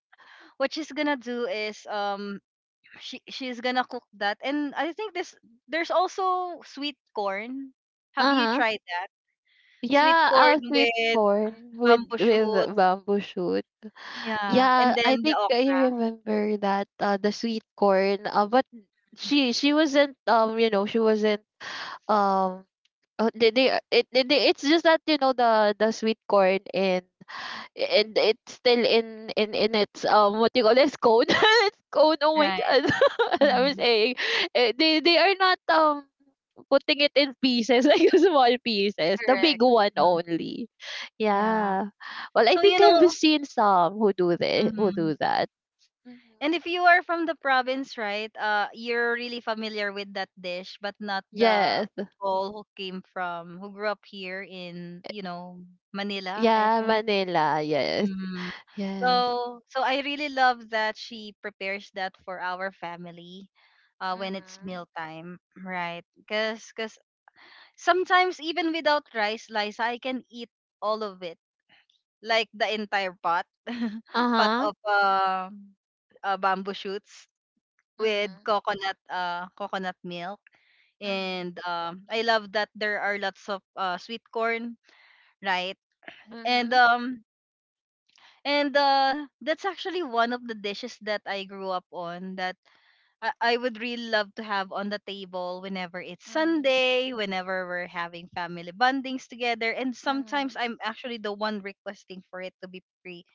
Speaker 1: what she's gonna do is um she she's gonna cook that, and I think this there's also sweet corn. Have
Speaker 2: Uh
Speaker 1: you
Speaker 2: huh.
Speaker 1: tried that? Sweet
Speaker 2: Yeah,
Speaker 1: corn
Speaker 2: uh, sweet
Speaker 1: with
Speaker 2: corn with
Speaker 1: bamboo
Speaker 2: with
Speaker 1: shoots,
Speaker 2: bamboo shoot.
Speaker 1: yeah, and
Speaker 2: Yeah, I
Speaker 1: then the
Speaker 2: think I
Speaker 1: okra,
Speaker 2: remember that, uh, the sweet corn. Uh, but she she wasn't, um you know she wasn't um uh, they, they it, it they- it's just that, you know the the sweet corn in, and it's still in in in its, um what you call this, cone. (laughs) It's cone, oh my
Speaker 1: right?
Speaker 2: god. (laughs) I was
Speaker 1: Mhm.
Speaker 2: saying, eh, they they are not um putting it in pieces, (laughs) like small pieces, the big
Speaker 1: Correct.
Speaker 2: one only.
Speaker 1: Yeah.
Speaker 2: Yeah. Well, I
Speaker 1: So
Speaker 2: think
Speaker 1: you
Speaker 2: I've
Speaker 1: know,
Speaker 2: seen some who do this, who
Speaker 1: mhm.
Speaker 2: do that. Hmm.
Speaker 1: And if you are from the province, right, uh, you're really familiar with that dish, but not the
Speaker 2: Yes.
Speaker 1: people who came from, who grew up here in, you know, Manila, I
Speaker 2: Yeah,
Speaker 1: think.
Speaker 2: Manila. Yes.
Speaker 1: Mm.
Speaker 2: Yes.
Speaker 1: So, so I really love that she prepares that for our family uh, when it's
Speaker 2: Mm-hmm.
Speaker 1: mealtime, right? Because cause 'cause sometimes even without rice, Liza, I can eat all of it, like the entire pot, (laughs) pot
Speaker 2: Uh-huh.
Speaker 1: of uh, uh, bamboo shoots with
Speaker 2: Mm-hmm.
Speaker 1: coconut uh coconut milk,
Speaker 2: Mm-hmm.
Speaker 1: and um I love that there are lots of uh sweet corn, right? And
Speaker 2: Mm-hmm.
Speaker 1: um and uh that's actually one of the dishes that I grew up on that I, I would really love to have on the table whenever it's
Speaker 2: Hmm.
Speaker 1: Sunday, whenever we're having family bondings together. And sometimes
Speaker 2: hmm
Speaker 1: I'm actually the one requesting for it to be free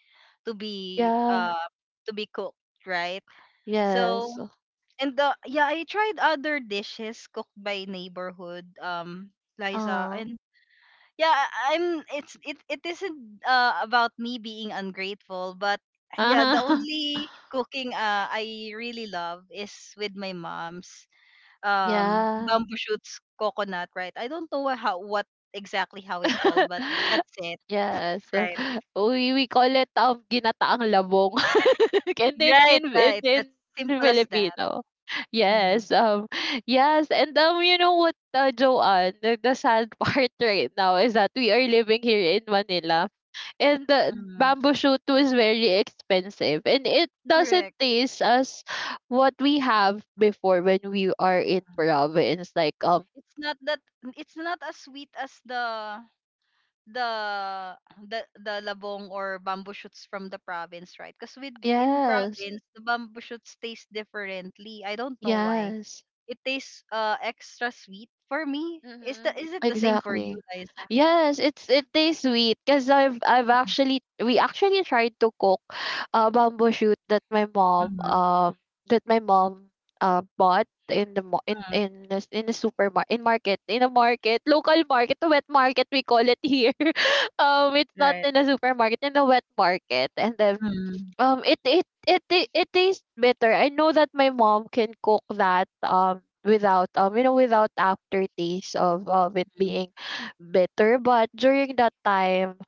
Speaker 1: to be
Speaker 2: yeah.
Speaker 1: uh to be cooked, right? So.
Speaker 2: Yes.
Speaker 1: And uh, yeah, I tried other dishes cooked by neighborhood, um, Liza,
Speaker 2: Uh.
Speaker 1: and yeah, I- I'm it's it it isn't uh about me being ungrateful, but yeah, the
Speaker 2: Uh-huh.
Speaker 1: only
Speaker 2: (laughs)
Speaker 1: cooking uh I really love is with my mom's um
Speaker 2: Yeah.
Speaker 1: bamboo shoots coconut, right? I don't know how what exactly how it called, but
Speaker 2: (laughs)
Speaker 1: that's it,
Speaker 2: Yes.
Speaker 1: right?
Speaker 2: We we call it, um, ginataang labong. (laughs) And in
Speaker 1: Right,
Speaker 2: in
Speaker 1: right.
Speaker 2: in
Speaker 1: That's
Speaker 2: in
Speaker 1: simple as that.
Speaker 2: Filipino.
Speaker 1: Mm-hmm.
Speaker 2: Yes, um, yes, and, um, you know what, uh, Joanne, the the sad (laughs) part right now is that we are living here in Manila, and the
Speaker 1: Mm-hmm.
Speaker 2: bamboo shoot is very expensive, and it doesn't
Speaker 1: Correct,
Speaker 2: taste as what we have before when we are in province, like, um
Speaker 1: it's not that it's not as sweet as the the the the labong or bamboo shoots from the province, right? Because with in
Speaker 2: yes,
Speaker 1: province, the bamboo shoots taste differently. I don't know why.
Speaker 2: yes.
Speaker 1: It tastes uh extra sweet for me. Is the
Speaker 2: Mhm.
Speaker 1: is it the same for
Speaker 2: Exactly.
Speaker 1: you, Liza?
Speaker 2: Yes, it's it tastes sweet, because I've I've actually we actually tried to cook a bamboo shoot that my mom,
Speaker 1: Mm-hmm.
Speaker 2: um that my mom uh bought in the mo- in in the, in the supermarket, in market in a market local market, the wet market, we call it here. (laughs) Um it's not
Speaker 1: Right.
Speaker 2: in a supermarket, in the wet market. And then,
Speaker 1: Mm-hmm.
Speaker 2: um, it it it ta- it tastes better. I know that my mom can cook that um without um you know without aftertaste of of it being bitter. But during that time,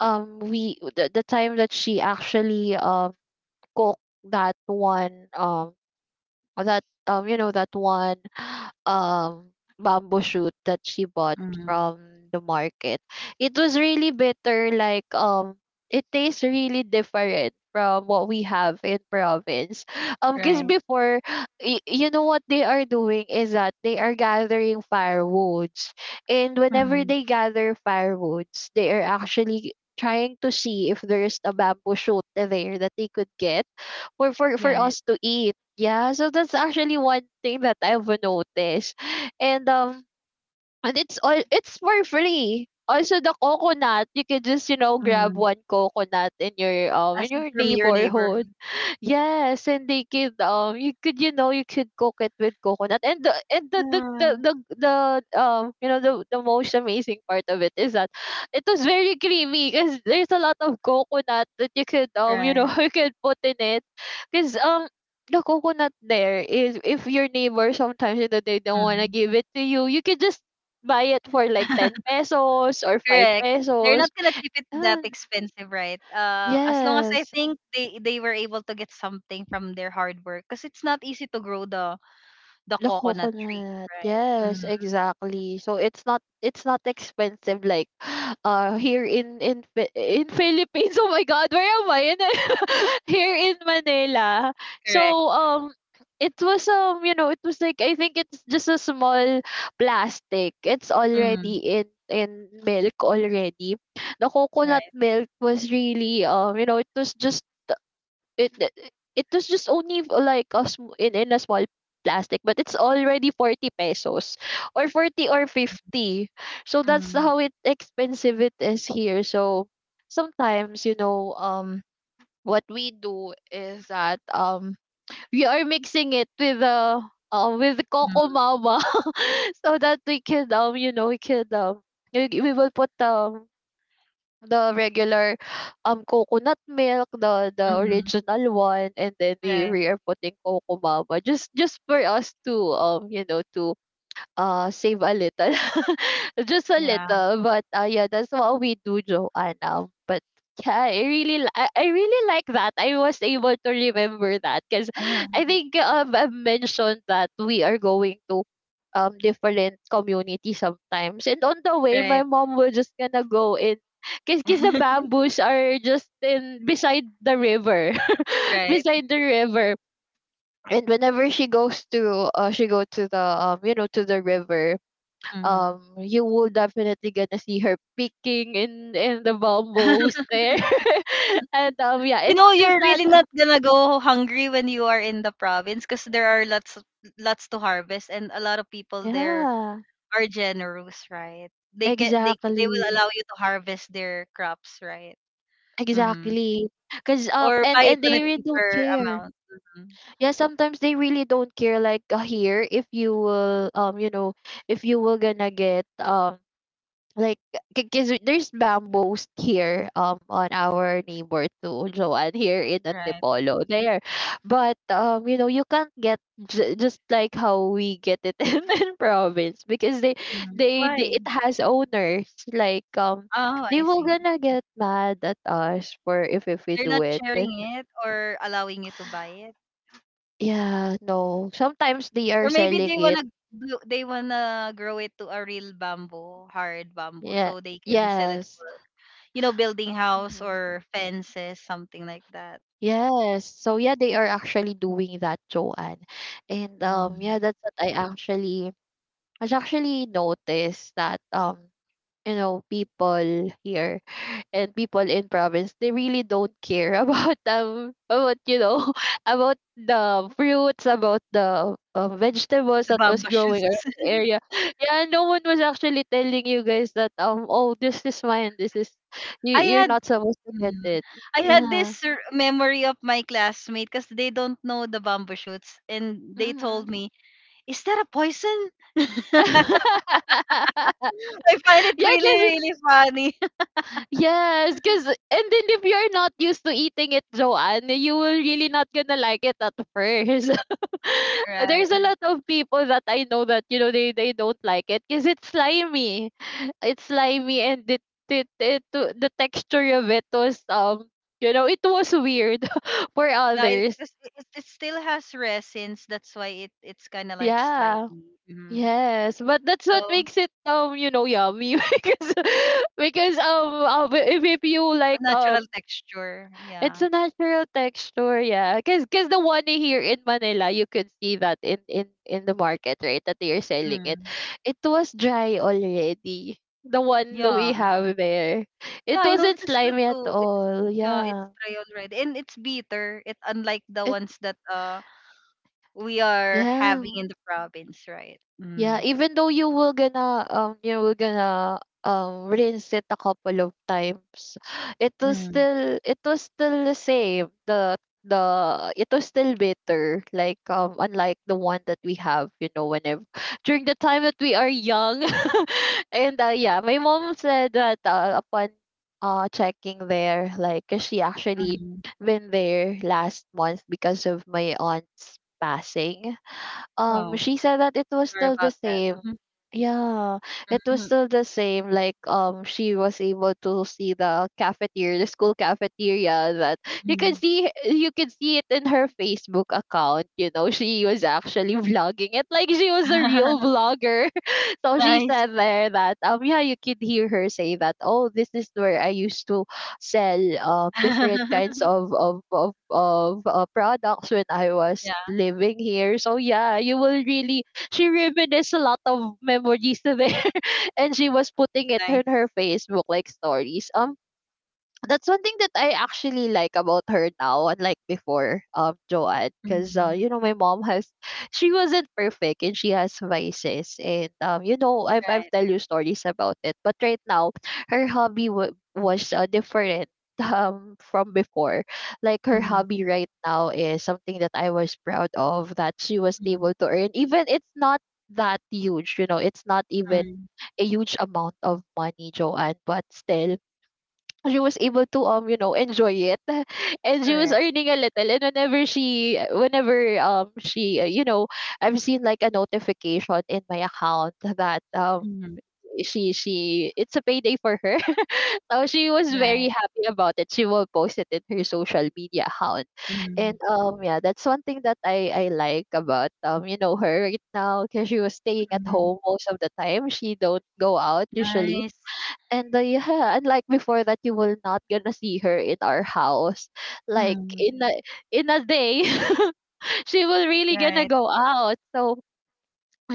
Speaker 2: um, we the, the time that she actually, um cooked that one um or that um you know that one, (sighs) um bamboo shoot that she bought
Speaker 1: Mm-hmm.
Speaker 2: from the market, it was really bitter, like um it tastes really different from what we have in province. (laughs) Um because
Speaker 1: Right.
Speaker 2: before, y- you know what they are doing is that they are gathering firewoods, and whenever
Speaker 1: Mm-hmm.
Speaker 2: they gather firewoods, they are actually trying to see if there's a bamboo shoot there that they could get for for for
Speaker 1: Yeah. It,
Speaker 2: us to eat. Yeah, so that's actually one thing that I've noticed. And um and it's all it's for free. Also, the coconut, you can just, you know, grab
Speaker 1: mm.
Speaker 2: one coconut in your um in
Speaker 1: As
Speaker 2: your
Speaker 1: from your neighbor.
Speaker 2: neighborhood. Yes, and they could, um, you could, you know, you could cook it with coconut, and the and the the the
Speaker 1: Yeah.
Speaker 2: the, the um, you know, the the most amazing part of it is that it was very creamy, because there's a lot of coconut that you could, um, you know,
Speaker 1: Right.
Speaker 2: (laughs) you could put in it, because um, the coconut there is, if your neighbor, sometimes you know they don't wanna
Speaker 1: Mm.
Speaker 2: give it to you, you could just buy it for like ten
Speaker 1: (laughs)
Speaker 2: pesos or five
Speaker 1: Correct. They're
Speaker 2: pesos.
Speaker 1: not gonna cheap it that
Speaker 2: And
Speaker 1: expensive, right? Uh, as long as I
Speaker 2: yes.
Speaker 1: think they they were able to get something from their hard work, because it's not easy to grow the the
Speaker 2: The
Speaker 1: coconut tree,
Speaker 2: coconut,
Speaker 1: right?
Speaker 2: yes,
Speaker 1: Mm,
Speaker 2: exactly. So it's not it's not expensive, like (gasps) uh here in in Phi- in (laughs) Philippines. Oh my God, where am I? In, (laughs) here in Manila. So
Speaker 1: correct.
Speaker 2: um it was, um you know it was like, I think it's just a small plastic. It's
Speaker 1: Mm,
Speaker 2: already in in milk already. The coconut
Speaker 1: right.
Speaker 2: milk was really, um you know it was just, it it it was just only, v- like a sm- in, in a small plastic, but it's already forty pesos, or forty or fifty. So that's
Speaker 1: Mm,
Speaker 2: how it expensive it is here, so sometimes, you know um what we do is that, um we are mixing it with the, um with
Speaker 1: mm,
Speaker 2: coco mama, (laughs) so that we can, um you know we can um we, we will put, um the regular, um, coconut milk, the the
Speaker 1: mm,
Speaker 2: original one, and then we
Speaker 1: right.
Speaker 2: we are putting coco mama, just just for us to, um you know to uh save a little. (laughs) Just a
Speaker 1: Yeah.
Speaker 2: little, but uh yeah, that's what we do, Joanna, but yeah, I really li- i, I really like that I was able to remember that, because I
Speaker 1: (laughs)
Speaker 2: think, um, I've mentioned that we are going to, um different community sometimes, and on the way my
Speaker 1: right.
Speaker 2: mom was just gonna go in, because the
Speaker 1: (laughs)
Speaker 2: bamboos are just in, beside the river. (laughs)
Speaker 1: right.
Speaker 2: Beside the river. And whenever she goes to uh she go to the um you know to the river,
Speaker 1: Mm.
Speaker 2: um, you will definitely gonna see her picking in in the bamboos
Speaker 1: (laughs)
Speaker 2: there. (laughs) and um, yeah,
Speaker 1: You
Speaker 2: it's
Speaker 1: know,
Speaker 2: just
Speaker 1: you're
Speaker 2: that.
Speaker 1: really not gonna go hungry when you are in the province, because there are lots lots to harvest, and a lot of people there
Speaker 2: Yeah,
Speaker 1: are generous, right? They can they
Speaker 2: exactly,
Speaker 1: they will allow you to harvest their crops, right? Mm-hmm.
Speaker 2: exactly. Cause, um,
Speaker 1: Or
Speaker 2: and
Speaker 1: buy it
Speaker 2: and
Speaker 1: on a
Speaker 2: they really don't
Speaker 1: cheaper
Speaker 2: care.
Speaker 1: amount. Hmm.
Speaker 2: Yeah, sometimes they really don't care. Like, uh, here, if you will, um, you know, if you will gonna get, um like, because there's bamboos here, um on our neighbor too. (laughs) Joanne, here in
Speaker 1: Right.
Speaker 2: Antipolo there, but um you know you can't get, j- just like how we get it (laughs) in, in province, because they,
Speaker 1: Hmm.
Speaker 2: they they,
Speaker 1: Why?
Speaker 2: it has owners, like um
Speaker 1: Oh,
Speaker 2: they
Speaker 1: I
Speaker 2: will
Speaker 1: see.
Speaker 2: gonna get mad at us for if if we
Speaker 1: They're
Speaker 2: do
Speaker 1: not
Speaker 2: it. And
Speaker 1: sharing it or allowing you to buy it.
Speaker 2: yeah, no, sometimes they are
Speaker 1: Or maybe
Speaker 2: selling
Speaker 1: they
Speaker 2: it.
Speaker 1: wanna do, they wanna grow it to a real bamboo, hard bamboo,
Speaker 2: Yeah.
Speaker 1: so they can sell it
Speaker 2: Yes.
Speaker 1: for you know building house
Speaker 2: Mm-hmm.
Speaker 1: or fences, something like that.
Speaker 2: Yes. So yeah, they are actually doing that, Joanne. And um
Speaker 1: Hmm.
Speaker 2: yeah, that's what I actually I actually noticed, that, um you know people here and people in province, they really don't care (laughs) about, um about you know (laughs) about the fruits, about the, um, vegetables
Speaker 1: The
Speaker 2: that was
Speaker 1: bamboo
Speaker 2: growing
Speaker 1: shoots.
Speaker 2: around
Speaker 1: (laughs)
Speaker 2: the area. (laughs) Yeah, no one was actually telling you guys that, um oh, this is mine, this is, you
Speaker 1: I
Speaker 2: you're
Speaker 1: had.
Speaker 2: not supposed to get
Speaker 1: Mm.
Speaker 2: it.
Speaker 1: I had
Speaker 2: Yeah.
Speaker 1: this r- memory of my classmate, because they don't know the bamboo shoots, and they told
Speaker 2: Mm-hmm.
Speaker 1: me, "Is that a poison?"
Speaker 2: (laughs)
Speaker 1: (laughs) I find it
Speaker 2: Yeah,
Speaker 1: really,
Speaker 2: cause
Speaker 1: really funny. (laughs)
Speaker 2: yes, cause, and then if you're not used to eating it, Joanne, you will really not gonna like it at first. (laughs)
Speaker 1: Right.
Speaker 2: There's a lot of people that I know that, you know they they don't like it because it's slimy, it's slimy, and it it, it the texture of it was, um you know it was weird (laughs) for
Speaker 1: Yeah, it,
Speaker 2: others.
Speaker 1: 'cause it, it it still has resins. That's why it it's kind of like slimy.
Speaker 2: Yeah.
Speaker 1: Hmm.
Speaker 2: Yes, but that's what
Speaker 1: So
Speaker 2: makes it um you know yummy (laughs) because because um uh, but if if you like
Speaker 1: a natural
Speaker 2: um
Speaker 1: texture.
Speaker 2: it's
Speaker 1: Yeah.
Speaker 2: a natural texture, yeah, because because the one here in Manila, you could see that in in in the market, right? That they are selling it.
Speaker 1: Mm.
Speaker 2: It was dry already. The one that we
Speaker 1: Yeah.
Speaker 2: have there, it
Speaker 1: Yeah, I
Speaker 2: wasn't
Speaker 1: noticed that
Speaker 2: slimy at
Speaker 1: too. It's
Speaker 2: all,
Speaker 1: yeah, it's
Speaker 2: yeah.
Speaker 1: dry already, and it's bitter. It unlike the
Speaker 2: it
Speaker 1: ones that uh we are
Speaker 2: yeah
Speaker 1: having in the province, right?
Speaker 2: Yeah,
Speaker 1: Mm.
Speaker 2: even though you will gonna um you will gonna um rinse it a couple of times, (sighs) it was
Speaker 1: Mm,
Speaker 2: still it was still the same. The the It was still bitter, like, um unlike the one that we have, you know, whenever (laughs) during the time that we are young. (laughs) And uh, yeah, my mom said that, uh, upon uh checking there, like, 'cause she actually
Speaker 1: mm.
Speaker 2: been there last month because of my aunt's passing. Um
Speaker 1: Oh,
Speaker 2: she said that it was
Speaker 1: sorry
Speaker 2: still
Speaker 1: about
Speaker 2: the
Speaker 1: that.
Speaker 2: same.
Speaker 1: Mhm,
Speaker 2: Yeah, it was
Speaker 1: mhm,
Speaker 2: still the same, like, um she was able to see the cafeteria, the school cafeteria, that you can
Speaker 1: mhm.
Speaker 2: see you can see it in her Facebook account. You know she was actually (laughs) vlogging it, like she was a real
Speaker 1: (laughs)
Speaker 2: vlogger. (laughs) So she
Speaker 1: Nice.
Speaker 2: said there that, um yeah, you could hear her say that, "Oh, this is where I used to sell, um, different kinds
Speaker 1: (laughs)
Speaker 2: of of of, of uh, products when I was
Speaker 1: Yeah,
Speaker 2: living here." So yeah, you will really she reminisced a lot of memories there. (laughs) And she was putting it
Speaker 1: nice.
Speaker 2: in her Facebook, like, stories. Um, that's one thing that I actually like about her now, unlike before, um, Joanne, because uh,
Speaker 1: Hmm.
Speaker 2: you know my mom has, she wasn't perfect, and she has vices, and, um, you know I've I've
Speaker 1: Right.
Speaker 2: tell you stories about it. But right now, her hobby wa was uh, different, (laughs) um from before. Like, her
Speaker 1: Hmm.
Speaker 2: hobby right now is something that I was proud of, that she was
Speaker 1: Hmm.
Speaker 2: able to earn. Even it's not that huge, you know, it's not even
Speaker 1: Mm.
Speaker 2: a huge amount of money, Joanne, but still she was able to um you know enjoy it. (laughs) And she was
Speaker 1: Correct.
Speaker 2: earning a little, and whenever she, whenever um she, uh, you know I've seen like a notification in my account that, um
Speaker 1: Hmm.
Speaker 2: she she it's a payday for her. (laughs) So she was very
Speaker 1: Right.
Speaker 2: happy about it. She will post it in her social media account. And,
Speaker 1: Hmm.
Speaker 2: um yeah, that's one thing that i i like about, um you know her, right now, because she was staying at
Speaker 1: Hmm.
Speaker 2: home most of the time. She don't go out usually.
Speaker 1: Nice.
Speaker 2: And the (laughs) Yeah, and like before, that you will not gonna see her in our house. Like,
Speaker 1: Hmm.
Speaker 2: in a in a day. (laughs) She will really gonna
Speaker 1: Right.
Speaker 2: go out. So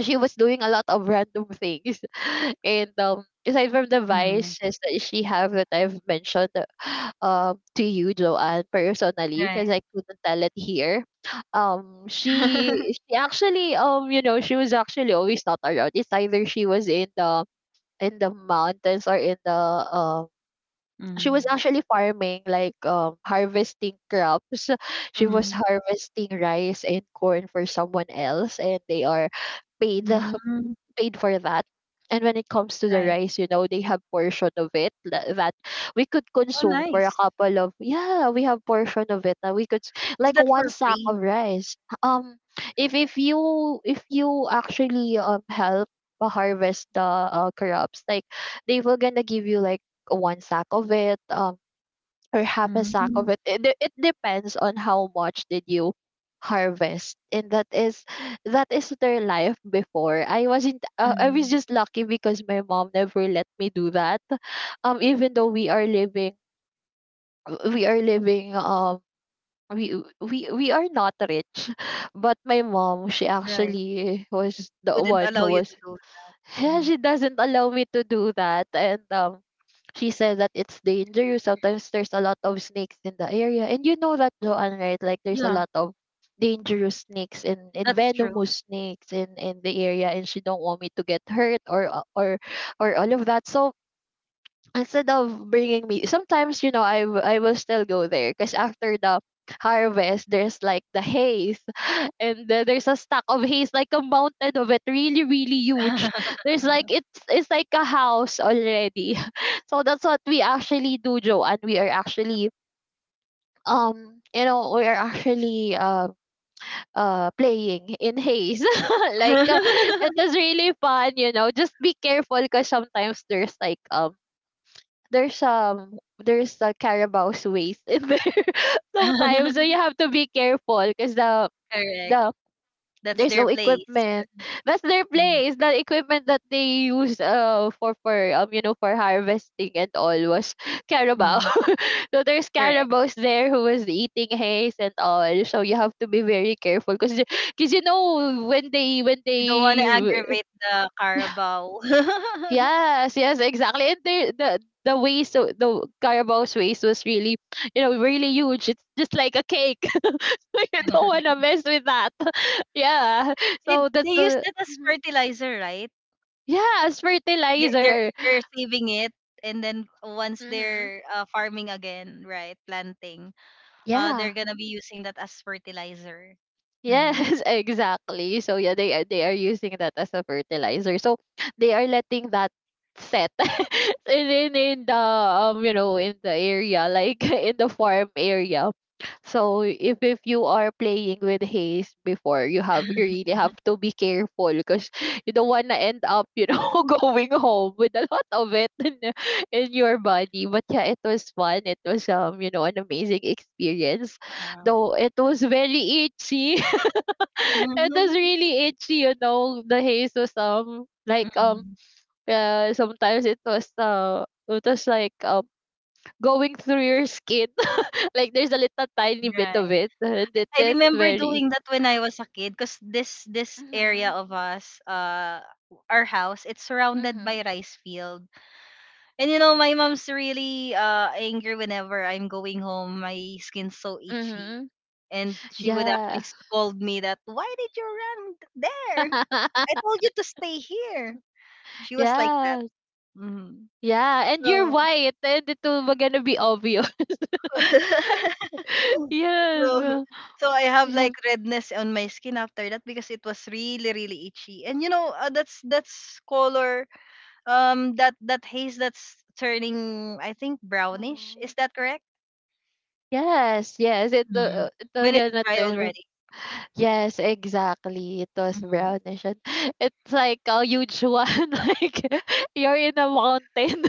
Speaker 2: she was doing a lot of random things. (laughs) And, um aside from the
Speaker 1: Hmm.
Speaker 2: vices that she have that I've mentioned, uh, um to you, Joanne, personally,
Speaker 1: Right.
Speaker 2: because I couldn't tell it here. Um she
Speaker 1: (laughs)
Speaker 2: she actually, um you know she was actually always not around. It's either she was in the in the mountains, or in the, um she was
Speaker 1: Mm,
Speaker 2: actually farming, like um harvesting crops. (laughs) She was
Speaker 1: mm,
Speaker 2: harvesting rice and corn for someone else, and they are paid
Speaker 1: mm,
Speaker 2: paid for that. And when it comes to the
Speaker 1: right.
Speaker 2: rice, you know, they have portion of it tha- that we could
Speaker 1: Oh,
Speaker 2: consume for a
Speaker 1: nice.
Speaker 2: couple of, yeah, we have portion of it that we could s-
Speaker 1: Is
Speaker 2: like
Speaker 1: that
Speaker 2: one
Speaker 1: for
Speaker 2: sack
Speaker 1: free?
Speaker 2: of rice. Um, if if you if you actually um help, uh, harvest the, uh, crops, like, they were gonna give you like one sack of it. Um, or half a sack
Speaker 1: Mm,
Speaker 2: of it. It, de- it depends on how much did you harvest, and that is that is their life before. I wasn't. Uh, I was
Speaker 1: mm.
Speaker 2: just lucky because my mom never let me do that. Um, even though we are living, we are living. Um, we we we are not rich, (laughs) but my mom, she
Speaker 1: Right.
Speaker 2: actually was the
Speaker 1: Wouldn't
Speaker 2: one who
Speaker 1: allow you
Speaker 2: was
Speaker 1: to do it.
Speaker 2: (laughs)
Speaker 1: Mhm.
Speaker 2: she doesn't allow me to do that. And, um, she said that it's dangerous. Sometimes there's a lot of snakes in the area. And you know that, Joanne, right? Like, there's a
Speaker 1: Yeah,
Speaker 2: lot of dangerous snakes, and, and
Speaker 1: that's true.
Speaker 2: venomous snakes in, in the area, and she don't want me to get hurt, or or or all of that. So instead of bringing me, sometimes, you know i, w- I will still go there, because after the harvest there's like the haze. (laughs) And then there's a stack of haze, like a mountain of it, really really huge. There's like, it's it's like a house already. (laughs) So that's what we actually do, Joe, and we are actually um you know we are actually uh uh playing in haze. (laughs) Like, uh, it
Speaker 1: (laughs)
Speaker 2: is really fun, you know just be careful because sometimes there's like, um there's um there's the carabao's waste in there, (laughs) sometimes, so you have to be careful because the
Speaker 1: Correct.
Speaker 2: the
Speaker 1: That's
Speaker 2: there's
Speaker 1: their
Speaker 2: no
Speaker 1: place.
Speaker 2: equipment. That's their
Speaker 1: Mhm.
Speaker 2: place. The equipment that they use, uh for for um you know for harvesting and all, was (laughs) carabao.
Speaker 1: Mhm.
Speaker 2: (laughs) So there's
Speaker 1: Correct.
Speaker 2: carabaos there who was eating haze and all, so you have to be very careful, because because, you know when they when
Speaker 1: You don't want to
Speaker 2: they—
Speaker 1: aggravate the carabao. (laughs)
Speaker 2: Yes, yes, exactly. And there, the the waste, so the carabao's waste was really, you know, really huge. It's just like a cake. (laughs) You don't want to mess with that. (laughs) Yeah.
Speaker 1: It,
Speaker 2: So
Speaker 1: they
Speaker 2: that's
Speaker 1: use
Speaker 2: the—
Speaker 1: that as
Speaker 2: Mhm.
Speaker 1: fertilizer, right?
Speaker 2: Yes,
Speaker 1: They're, they're,
Speaker 2: fertilizer.
Speaker 1: they're saving it. And then once
Speaker 2: Hmm.
Speaker 1: they're uh, farming again, right, planting, uh,
Speaker 2: Yeah.
Speaker 1: they're gonna be using that as fertilizer.
Speaker 2: Yes,
Speaker 1: Hmm.
Speaker 2: (laughs) exactly. So yeah, they are they are using that as a fertilizer. So they are letting that set (laughs) in, in in the, um you know in the area, like, (laughs) in the farm area. So if if you are playing with haze before, you have you really have to be careful because you don't want to end up, you know (laughs) going home with a lot of it in, the- in your body. But yeah, it was fun. It was, um you know an amazing experience,
Speaker 1: Yeah.
Speaker 2: though it was very itchy. (laughs) It was
Speaker 1: (laughs)
Speaker 2: really itchy, you know. The haze was, um like, um
Speaker 1: Mhm.
Speaker 2: uh, sometimes it was, uh it was like, um going through your skin. (laughs) Like, there's a little tiny bit of
Speaker 1: Right.
Speaker 2: it, and it,
Speaker 1: I
Speaker 2: it's
Speaker 1: remember
Speaker 2: very—
Speaker 1: doing that when I was a kid, because this this area
Speaker 2: Hmm.
Speaker 1: of us, uh, our house, it's surrounded
Speaker 2: Hmm.
Speaker 1: by rice field. And you know, my mom's really uh angry whenever I'm going home. My skin's so itchy,
Speaker 2: Hmm.
Speaker 1: and she would
Speaker 2: Yeah.
Speaker 1: actually scold me that why did you run there? I
Speaker 2: (laughs)
Speaker 1: told you to stay here. She was like that.
Speaker 2: Yeah.
Speaker 1: Hmm.
Speaker 2: Yeah, and you're
Speaker 1: So
Speaker 2: white, and it will gonna be obvious. (laughs)
Speaker 1: (laughs) so,
Speaker 2: Yes,
Speaker 1: so I have
Speaker 2: yeah,
Speaker 1: like redness on my skin after that, because it was really really itchy. And you know, uh, that's that's color um that that haze that's turning, I think, brownish.
Speaker 2: hmm,
Speaker 1: Is that correct?
Speaker 2: yes, yes. It
Speaker 1: Mm.
Speaker 2: will, it will
Speaker 1: When it's
Speaker 2: gonna
Speaker 1: dry
Speaker 2: turn, like—
Speaker 1: already.
Speaker 2: Yes, exactly. It was
Speaker 1: Mm.
Speaker 2: brownish. And (laughs) it's like a huge one. (laughs) Like, you're in a mountain,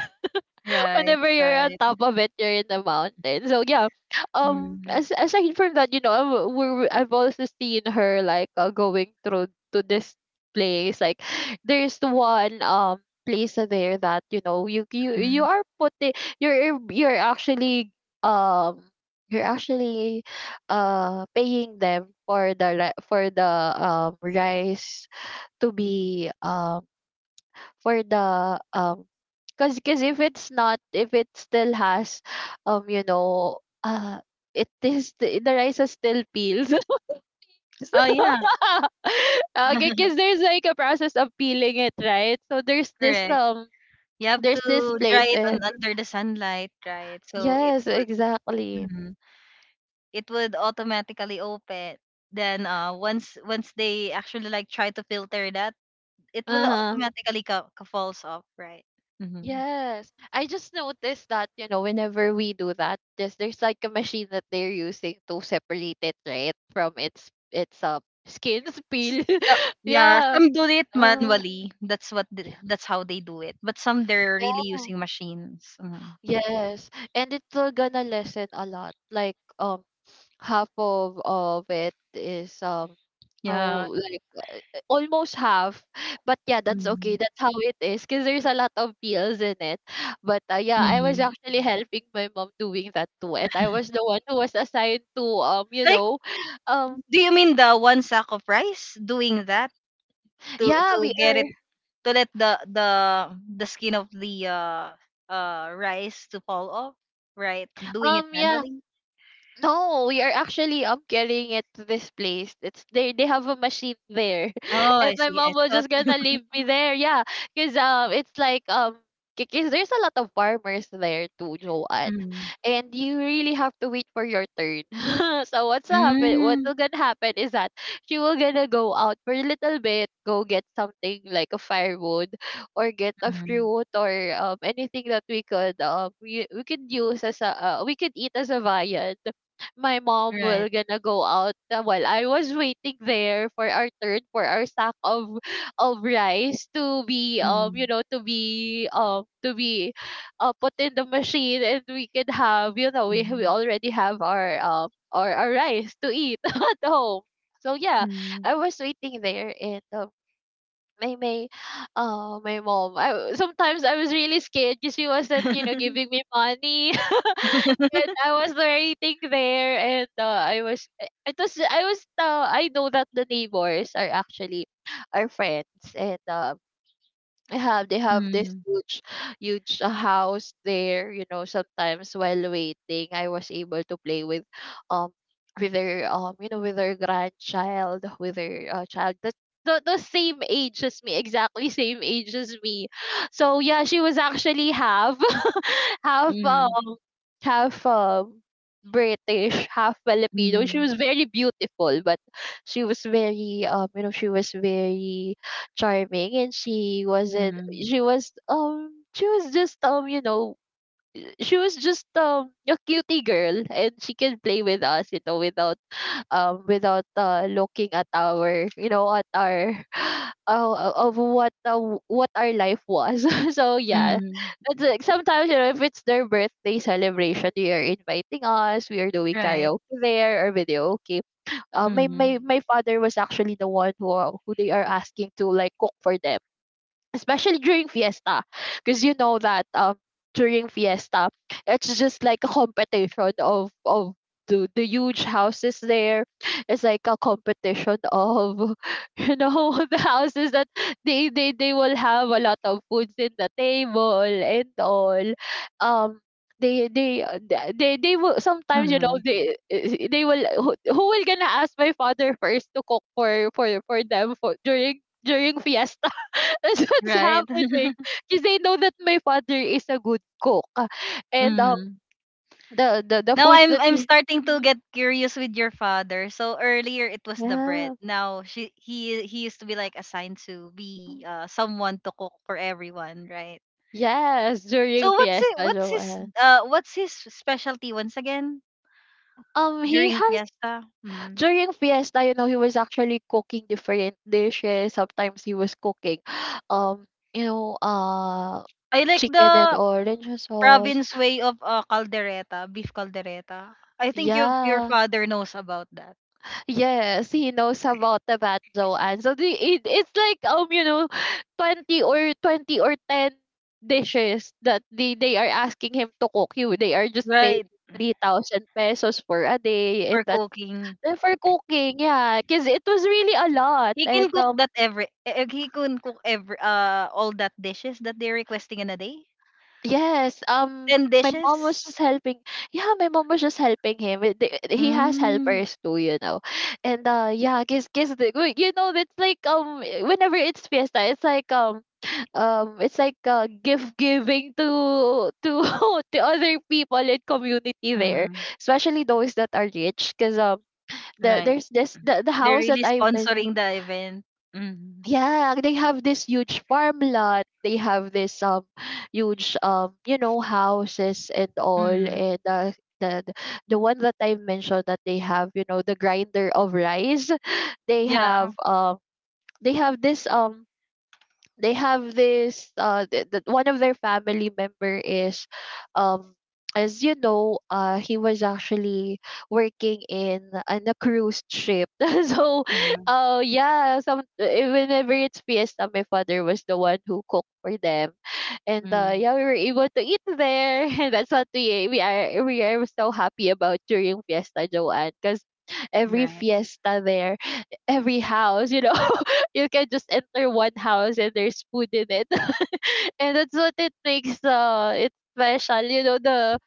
Speaker 1: Right,
Speaker 2: whenever you're on
Speaker 1: right.
Speaker 2: top of it, you're in the mountain. So yeah, um,
Speaker 1: Mm.
Speaker 2: as aside from that, you know, we- we I have also seen her like, uh, going through to this place. Like, (sighs) there's one um place there, that, you know you you you
Speaker 1: Mm.
Speaker 2: are putting, you're you're actually um you're actually, uh paying them for the, ri- for the um rice, to be, um for the, um cause cause if it's not if it still has, um you know uh it is the, the rice is still peeled. (laughs) So—
Speaker 1: Oh yeah,
Speaker 2: (laughs) okay, cause
Speaker 1: (laughs)
Speaker 2: there's like a process of peeling it, right? So there's this,
Speaker 1: correct.
Speaker 2: um
Speaker 1: You have
Speaker 2: there's this
Speaker 1: to dry
Speaker 2: place
Speaker 1: it
Speaker 2: there.
Speaker 1: on under the sunlight, right? So it
Speaker 2: Yes, exactly.
Speaker 1: would it would automatically open. Then uh, once once they actually like try to filter that, it will
Speaker 2: Uh-huh.
Speaker 1: automatically ca- ca- falls off, right? Mm-hmm.
Speaker 2: Yes. I just noticed that, you know, whenever we do that, just there's like a machine that they're using to separate it, right? From its its uh, skin's peel.
Speaker 1: So
Speaker 2: (laughs)
Speaker 1: yeah,
Speaker 2: Yeah.
Speaker 1: some do it
Speaker 2: Uh,
Speaker 1: manually. That's what the, that's how they do it. But some they're really
Speaker 2: yeah.
Speaker 1: using machines. Mhm.
Speaker 2: Yes. And it's, uh, gonna lessen a lot. Like, um half of of it is, um
Speaker 1: Yeah.
Speaker 2: oh, like, almost half. But yeah, that's okay.
Speaker 1: Mhm.
Speaker 2: That's how it is because there's a lot of peels in it. But, uh, yeah, I was
Speaker 1: Mhm.
Speaker 2: actually helping my mom doing that too. And I was the one who was assigned to, um, you
Speaker 1: Like,
Speaker 2: know, um,
Speaker 1: do you mean the one sack of rice doing that to
Speaker 2: yeah,
Speaker 1: to
Speaker 2: we are,
Speaker 1: get it to let the the the skin of the uh uh rice to fall off, right? Doing it
Speaker 2: um, yeah,
Speaker 1: manually.
Speaker 2: no, we are actually um carrying it to this place. It's they they have a machine there, (laughs)
Speaker 1: Oh,
Speaker 2: and
Speaker 1: I
Speaker 2: my
Speaker 1: see.
Speaker 2: mom
Speaker 1: I
Speaker 2: was
Speaker 1: thought.
Speaker 2: just gonna
Speaker 1: (laughs)
Speaker 2: leave me there. Yeah, cause, um it's like, um because there's a lot of farmers there too, Joanne,
Speaker 1: Mm.
Speaker 2: and you really have to wait for your turn. (laughs) So what's happen? What
Speaker 1: Mm,
Speaker 2: will gonna happen is that she will gonna go out for a little bit, go get something like a firewood, or get a
Speaker 1: Mm.
Speaker 2: fruit, or um anything that we could, um we, we could use as a, uh, we could eat as a viand. My mom
Speaker 1: Right.
Speaker 2: will gonna go out, uh, while I was waiting there for our turn, for our sack of of rice, to be, um you
Speaker 1: Mm.
Speaker 2: know to be um to be, uh, put in the machine, and we could have, you know we we
Speaker 1: Mm.
Speaker 2: already have our, um our, our rice to eat (laughs) at home. So yeah,
Speaker 1: Mm.
Speaker 2: I was waiting there, and um my my, oh, my mom. I, w- sometimes I was really scared because she wasn't, you know, giving
Speaker 1: (laughs)
Speaker 2: me money, (laughs) and I was waiting there, and uh, I was, it was, I was, uh, I know that the neighbors are actually our friends. And um, they have they have this
Speaker 1: Mm.
Speaker 2: huge huge uh, house there. You know, sometimes while waiting, I was able to play with um with their um you know with their grandchild, with their uh, child that the, the same age as me, exactly. (laughs) Same age as me. So yeah, she was actually half (laughs) half
Speaker 1: Mm.
Speaker 2: um half um British, half Filipino. She
Speaker 1: Mm.
Speaker 2: was very beautiful, but she was very um you know she was very charming. And she wasn't
Speaker 1: Mm.
Speaker 2: she was um She was just, um you know she was just um a cutie girl, and she can play with us, you know, without um without uh looking at our, you know, at our (sighs) uh, of what uh, what our life was. (laughs) So yeah,
Speaker 1: Mm,
Speaker 2: it's like sometimes, you know, if it's their birthday celebration, they are inviting us. We are doing
Speaker 1: right.
Speaker 2: karaoke there, or video. Okay. uh, my, my
Speaker 1: Mm.
Speaker 2: my father was actually the one who who they are asking to like cook for them, especially during fiesta. Because, you know, that um during fiesta, it's just like a competition of of the, the huge houses there. It's like a competition of, (laughs) you know, (laughs) the houses that they, they they will have a lot of foods in the table, and all. Um they they uh, th- they they will sometimes, you know,
Speaker 1: Mm.
Speaker 2: they eh, they will, who, who will gonna ask my father first to cook for for for them for, during during fiesta. (laughs) That's what's
Speaker 1: Right. (laughs)
Speaker 2: happening. Because they know that my father is a good cook. And um
Speaker 1: Mm.
Speaker 2: the the, the
Speaker 1: Now
Speaker 2: foods
Speaker 1: I'm
Speaker 2: that
Speaker 1: I'm
Speaker 2: you (laughs)
Speaker 1: starting to
Speaker 2: mhm.
Speaker 1: get curious with your father. So earlier it was the bread.
Speaker 2: Yeah.
Speaker 1: Now she he he used to be like assigned to be uh, someone to cook for everyone, right?
Speaker 2: Yes,
Speaker 1: So
Speaker 2: during
Speaker 1: what's it
Speaker 2: fiesta,
Speaker 1: what's his
Speaker 2: Joanne.
Speaker 1: uh what's his specialty once again
Speaker 2: Um, he
Speaker 1: during
Speaker 2: has
Speaker 1: fiesta? Mm.
Speaker 2: during fiesta, you know, he was actually cooking different dishes. Sometimes he was cooking, (gasps) (sighs) um, you know, uh,
Speaker 1: I like
Speaker 2: chicken and
Speaker 1: the
Speaker 2: orange sauce.
Speaker 1: province way of uh, caldereta, beef caldereta. I think your your
Speaker 2: Yeah,
Speaker 1: father knows about that,
Speaker 2: yes, he knows about the V A T, Joanne. So the it, it's like, um you know, twenty or twenty or ten dishes that they they are asking him to cook. You, they are just paying
Speaker 1: right?
Speaker 2: three thousand pesos for a day, and
Speaker 1: For
Speaker 2: that's
Speaker 1: cooking.
Speaker 2: and for cooking. Yeah, because it was really a lot,
Speaker 1: He can
Speaker 2: and
Speaker 1: cook
Speaker 2: um
Speaker 1: that every eh, eh, he can cook every uh all that dishes that they're requesting in a day.
Speaker 2: yes, um,
Speaker 1: Ten
Speaker 2: my mom
Speaker 1: dishes.
Speaker 2: was just helping. Yeah, my mom was just helping him. It- they- He has
Speaker 1: Mm.
Speaker 2: helpers too, you know. And uh, yeah, cause, cause the, we- you know, it's like um, whenever it's fiesta, it's like um, um, it's like uh, gift giving to to (laughs) to other people in community there,
Speaker 1: Mm.
Speaker 2: especially those that are rich. Cause um, the,
Speaker 1: Right.
Speaker 2: there's this the, the
Speaker 1: They're
Speaker 2: house that
Speaker 1: really
Speaker 2: I mentioned.
Speaker 1: sponsoring the event. Mm.
Speaker 2: Yeah, they have this huge farm lot. They have this um huge, um you know, houses and all,
Speaker 1: Mm.
Speaker 2: and uh, the the the one that I mentioned that they have, you know, the grinder of rice. (laughs) They
Speaker 1: Yeah.
Speaker 2: have um they have this um they have this uh th- th- one of their family member is um as you know, uh he was actually working in in a cruise ship. (laughs) So
Speaker 1: Mm.
Speaker 2: uh yeah, some eh, whenever it's fiesta, my father was the one who cooked for them. And uh
Speaker 1: Mm.
Speaker 2: yeah, we were able to eat there, (laughs) and that's what we we are we are so happy about during fiesta, Joanne. Because every
Speaker 1: Right.
Speaker 2: fiesta there, every house, you know, (laughs) (laughs) you can just enter one house and there's food in it. (laughs) And that's what it makes uh it special, you know, the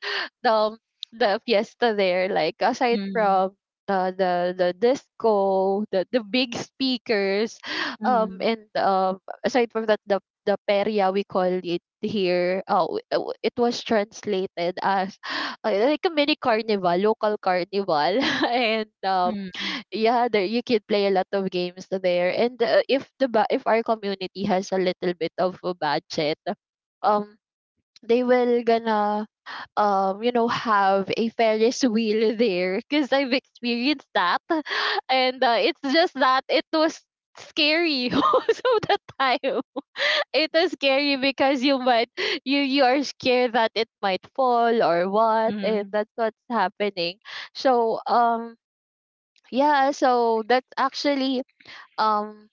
Speaker 2: the um, the fiesta there, like aside
Speaker 1: Mm.
Speaker 2: from the the the disco, the the big speakers, um
Speaker 1: Mm.
Speaker 2: and um aside from that, the the peria, we call it here. Uh, w- uh, w- it was translated as uh, like a mini carnival, local carnival. (laughs) And um
Speaker 1: Mm.
Speaker 2: yeah, there you could play a lot of games there. And uh, if the, ba- if our community has a little bit of a budget, um, they will gonna um you know, have a Ferris wheel there, because I've experienced that. (laughs) And uh, it's just that it was scary, (laughs) most of the time. (laughs) It was scary because you might, you you are scared that it might fall, or what, and
Speaker 1: Mm.
Speaker 2: that's what's happening. So um yeah, so that's actually, um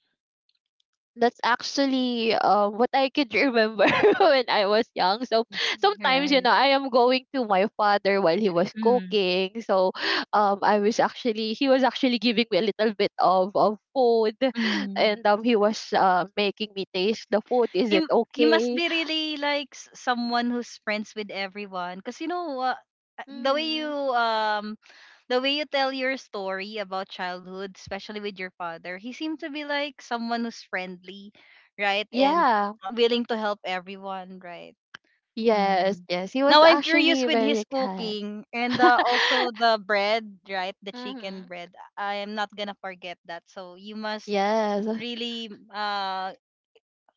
Speaker 2: that's actually, uh, what I could remember (laughs) when I was young. So sometimes, you
Speaker 1: Right.
Speaker 2: know, I am going to my father while he was
Speaker 1: Mm.
Speaker 2: cooking. So um I was actually, he was actually giving me a little bit of, of food, (laughs)
Speaker 1: Mm.
Speaker 2: and um he was, uh, making me taste the food. Is
Speaker 1: He
Speaker 2: it
Speaker 1: m- he must
Speaker 2: okay?
Speaker 1: be really like s- someone who's friends with everyone, cause you know what, the way you
Speaker 2: Mm-hmm.
Speaker 1: um the way you tell your story about childhood, especially with your father, he seemed to be like someone who's friendly, right? And
Speaker 2: Yeah.
Speaker 1: willing to help everyone, right?
Speaker 2: Yes,
Speaker 1: Hmm.
Speaker 2: yes. He was
Speaker 1: Now I'm curious
Speaker 2: actually
Speaker 1: with his
Speaker 2: very kind.
Speaker 1: cooking, and uh,
Speaker 2: (laughs)
Speaker 1: also the bread, right? The chicken
Speaker 2: Mm-hmm.
Speaker 1: bread. I am not gonna forget that. So you must
Speaker 2: Yes.
Speaker 1: really uh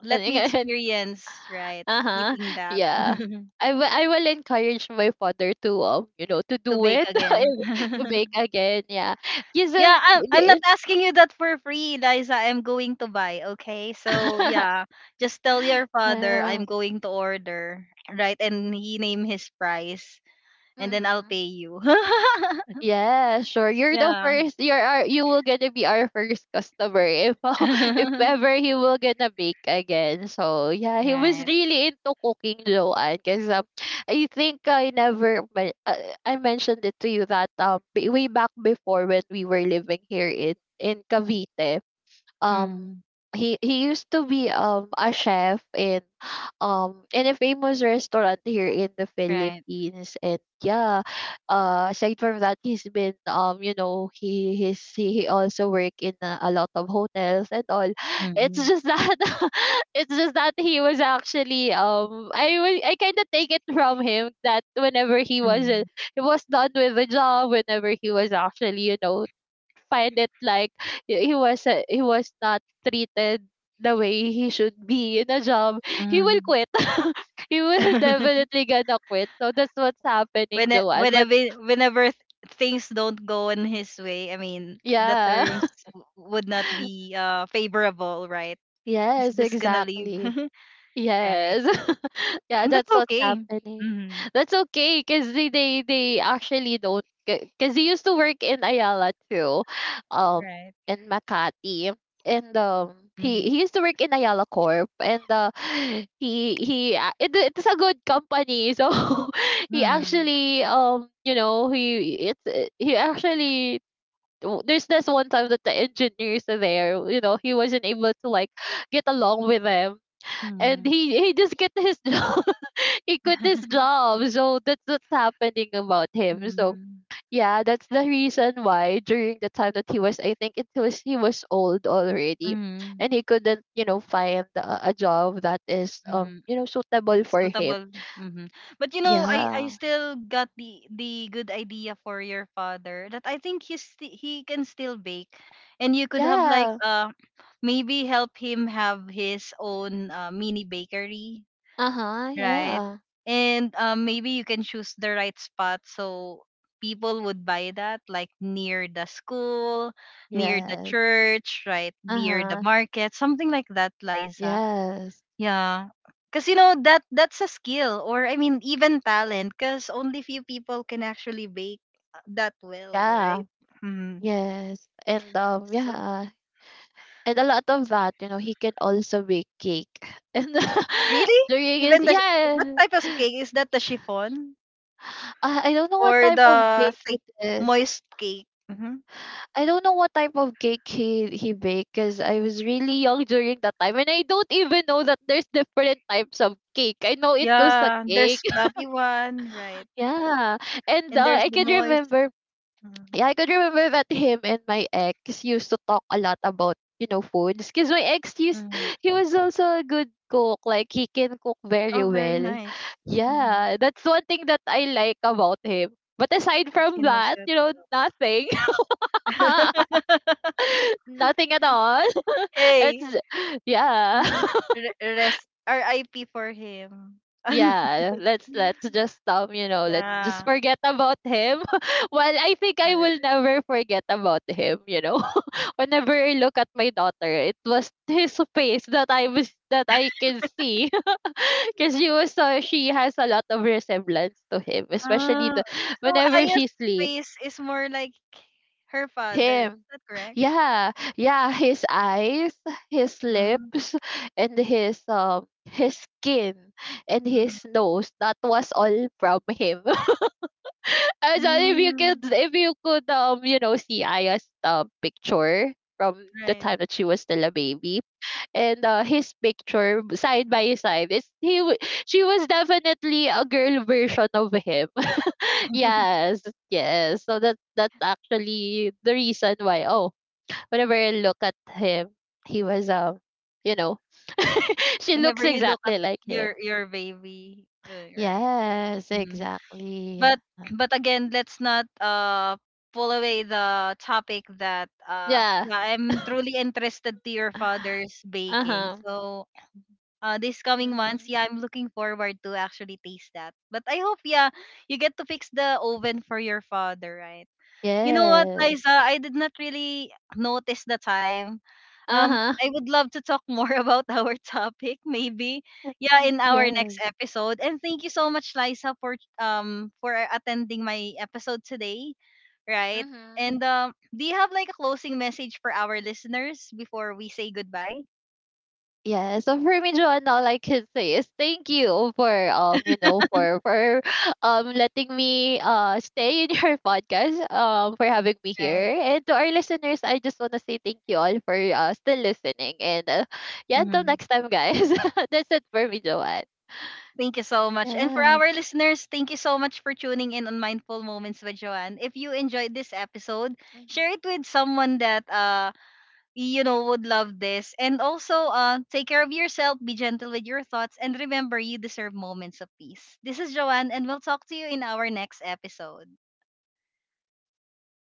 Speaker 1: let
Speaker 2: And,
Speaker 1: me
Speaker 2: (laughs) and
Speaker 1: experience, right?
Speaker 2: uh-huh.
Speaker 1: Eating that.
Speaker 2: Yeah.
Speaker 1: (laughs)
Speaker 2: I will I will encourage my father to, um, you know, to
Speaker 1: To
Speaker 2: do
Speaker 1: bake
Speaker 2: it, (laughs)
Speaker 1: again.
Speaker 2: if- to bake
Speaker 1: (laughs)
Speaker 2: again. Yeah. Yes, um,
Speaker 1: Yeah, I'm I'm not asking you that for free, Liza. I'm going to buy, okay? So
Speaker 2: (laughs)
Speaker 1: yeah, just tell your father
Speaker 2: uh,
Speaker 1: I'm going to order, right? And he name his price, and then I'll
Speaker 2: mhm.
Speaker 1: pay you. (laughs)
Speaker 2: Yeah, sure. You're the
Speaker 1: Yeah.
Speaker 2: first. You're our, you will gonna be our first customer if, (laughs) if
Speaker 1: (laughs)
Speaker 2: ever he will gonna bake again. So yeah, he was
Speaker 1: Right.
Speaker 2: really into cooking, Joanne. Because um, I think I never men- uh, I mentioned it to you that um b- way back before, when we were living here in in Cavite, um
Speaker 1: Mm,
Speaker 2: he he used to be um a chef in, um in a famous restaurant here in the
Speaker 1: right.
Speaker 2: Philippines. And yeah, uh aside from that, he's been, um you know he he's he, he also work in a, a lot of hotels and all. (laughs) It's
Speaker 1: Mm,
Speaker 2: just that, (laughs) it's just that he was actually, um I wa- I kind of take it from him that whenever he was,
Speaker 1: mm,
Speaker 2: uh, he was done with the job, whenever he was actually, you know, find it like, he he was, uh, he was not treated the way he should be in a job, he will
Speaker 1: mm.
Speaker 2: quit. (laughs) He will
Speaker 1: (laughs)
Speaker 2: definitely gonna quit. So that's what's happening,
Speaker 1: When it-
Speaker 2: Joanne. But
Speaker 1: whenever whenever th- things don't go in his way, I mean the
Speaker 2: yeah.
Speaker 1: terms w- would not be
Speaker 2: (laughs)
Speaker 1: uh favorable, right? He's
Speaker 2: Yes,
Speaker 1: just gonna leave.
Speaker 2: exactly.
Speaker 1: (laughs) Right.
Speaker 2: Yes. (laughs) Yeah,
Speaker 1: And that's
Speaker 2: that's what's
Speaker 1: okay.
Speaker 2: happening.
Speaker 1: Mhm.
Speaker 2: That's okay because, they, they they actually don't, because he used to work in Ayala too. Um
Speaker 1: Right.
Speaker 2: in Makati. And um
Speaker 1: Mhm.
Speaker 2: he, he used to work in Ayala Corp, and uh (sighs) he he a- it, it's a good company, so (laughs) he
Speaker 1: Mhm.
Speaker 2: actually, um you know, he it's uh, he actually, w- there's this one time that the engineers are there, you know, he wasn't able to like get along with them, and
Speaker 1: Mhm.
Speaker 2: he he just quit his (laughs) job. He quit his job. So that's what's happening about him. So
Speaker 1: Mhm.
Speaker 2: yeah, that's the reason why, during the time that he was, I think it was, he was old already,
Speaker 1: Mhm.
Speaker 2: and he couldn't, you know, find a, a job that is, um
Speaker 1: Mhm.
Speaker 2: you know,
Speaker 1: (laughs)
Speaker 2: suitable for him.
Speaker 1: Suitable. Mhm. But you know, I I
Speaker 2: Yeah.
Speaker 1: still got the the good idea for your father, that I think he's sti- he can still bake, and you could have like
Speaker 2: Yeah.
Speaker 1: uh maybe help him have his own uh, mini bakery,
Speaker 2: Uh huh.
Speaker 1: right?
Speaker 2: Yeah.
Speaker 1: And um, maybe you can choose the right spot so people would buy that, like near the school, near the
Speaker 2: Yes.
Speaker 1: church, right?
Speaker 2: Uh
Speaker 1: Near the
Speaker 2: huh.
Speaker 1: market, something like that, Liza.
Speaker 2: Yes.
Speaker 1: Yeah. Because, you know, that that's a skill or, I mean, even talent, because only few people can actually bake uh, that well,
Speaker 2: Yeah.
Speaker 1: right? Mm.
Speaker 2: Yes. And um.
Speaker 1: So,
Speaker 2: Yeah. And a lot of that, you know, he can also bake cake. (laughs) And
Speaker 1: really?
Speaker 2: (laughs) during his,
Speaker 1: Even the, sh- what
Speaker 2: yeah.
Speaker 1: type of cake? Is that the chiffon
Speaker 2: I, I don't know what
Speaker 1: or
Speaker 2: type of
Speaker 1: the
Speaker 2: cake
Speaker 1: thick,
Speaker 2: it is.
Speaker 1: moist cake? Mm-hmm.
Speaker 2: I don't know what type of cake he he baked, because I was really young during that time, and I don't even know that there's different types of cake. I know it was a
Speaker 1: Yeah,
Speaker 2: cake.
Speaker 1: there's
Speaker 2: (laughs)
Speaker 1: fluffy one, right?
Speaker 2: Yeah. And
Speaker 1: And
Speaker 2: uh,
Speaker 1: there's
Speaker 2: I
Speaker 1: the
Speaker 2: can
Speaker 1: moist.
Speaker 2: remember, yeah, I could remember that him and my ex used to talk a lot about, you know, foods. Because my ex used,
Speaker 1: Mm-hmm.
Speaker 2: he was also a good cook. Like, he can cook very
Speaker 1: Oh, very
Speaker 2: well.
Speaker 1: nice. Mm-hmm.
Speaker 2: Yeah, that's one thing that I like about him. But aside
Speaker 1: She
Speaker 2: from
Speaker 1: knows
Speaker 2: that,
Speaker 1: to
Speaker 2: you know, nothing.
Speaker 1: go.
Speaker 2: (laughs) Nothing at all.
Speaker 1: (laughs)
Speaker 2: (laughs)
Speaker 1: Hey,
Speaker 2: It's, yeah. (laughs)
Speaker 1: mm, re- rest R I P for him. (laughs)
Speaker 2: Yeah, let's, let's just um, you know, let's just
Speaker 1: Yeah.
Speaker 2: forget about him. (laughs) Well, I think I will
Speaker 1: Alright.
Speaker 2: never forget about him, you know. Whenever I look at my daughter, it was (laughs) his face that I was, that I can see, (laughs) because she was so, she has a lot of resemblance to him, especially
Speaker 1: Uh,
Speaker 2: the,
Speaker 1: so
Speaker 2: whenever
Speaker 1: Aya's
Speaker 2: she sleep.
Speaker 1: face is
Speaker 2: Mhm.
Speaker 1: more like her father.
Speaker 2: Him,
Speaker 1: Is that correct?
Speaker 2: yeah, yeah, his eyes, his
Speaker 1: Mm.
Speaker 2: lips, and his, um his skin, and
Speaker 1: Mm,
Speaker 2: his nose. That was all from him. (laughs) As well, if you
Speaker 1: mm,
Speaker 2: could, if you could, um, you know, see Aya's, um picture from the
Speaker 1: right.
Speaker 2: time that she was still a baby, and uh, his picture side by side, it's he. w- She was definitely a girl version of him. (laughs) Yes, yes. So that that's actually the reason why. Oh, whenever I look at him, he was, um, you know, (laughs) she
Speaker 1: Whenever
Speaker 2: looks
Speaker 1: you look at
Speaker 2: exactly like him.
Speaker 1: your your baby, uh, right?
Speaker 2: Yes,
Speaker 1: Mm-hmm.
Speaker 2: exactly.
Speaker 1: But but again, let's not uh pull away the topic. That uh
Speaker 2: Yeah.
Speaker 1: yeah, I'm truly interested to your father's baking.
Speaker 2: Uh-huh.
Speaker 1: So uh this coming months,
Speaker 2: Mhm.
Speaker 1: yeah, I'm looking forward to actually taste that. But I hope yeah, you get to fix the oven for your father, right? You know what,
Speaker 2: Yeah.
Speaker 1: Liza, I did not really notice the time. um,
Speaker 2: Uh-huh.
Speaker 1: I would love to talk more (laughs) about our topic, maybe. Yeah, in our
Speaker 2: Yeah.
Speaker 1: next episode. And thank you so much, Liza, for um for attending my episode today. Right.
Speaker 2: Mhm.
Speaker 1: And um, do you have like a closing message for our listeners before we say goodbye?
Speaker 2: Yeah, so for me, Joanne, all I can say is thank you for, um, you know, for for (laughs) um letting me uh stay in your (laughs) podcast, um, for having me
Speaker 1: Right.
Speaker 2: here. And to our listeners, I just wanna say thank you all for uh still listening. And uh, yeah, until
Speaker 1: Hmm.
Speaker 2: next time, guys. (laughs) That's it for me, Joanne.
Speaker 1: Thank you so much. And for
Speaker 2: Yes.
Speaker 1: our listeners, thank you so much for tuning in on Mindful Moments with Joanne. If you enjoyed this episode,
Speaker 2: Mhm.
Speaker 1: share it with someone that uh you know would love this. And also uh, take care of yourself, be gentle with your thoughts, and remember you deserve moments of peace. This is Joanne, and we'll talk to you in our next episode.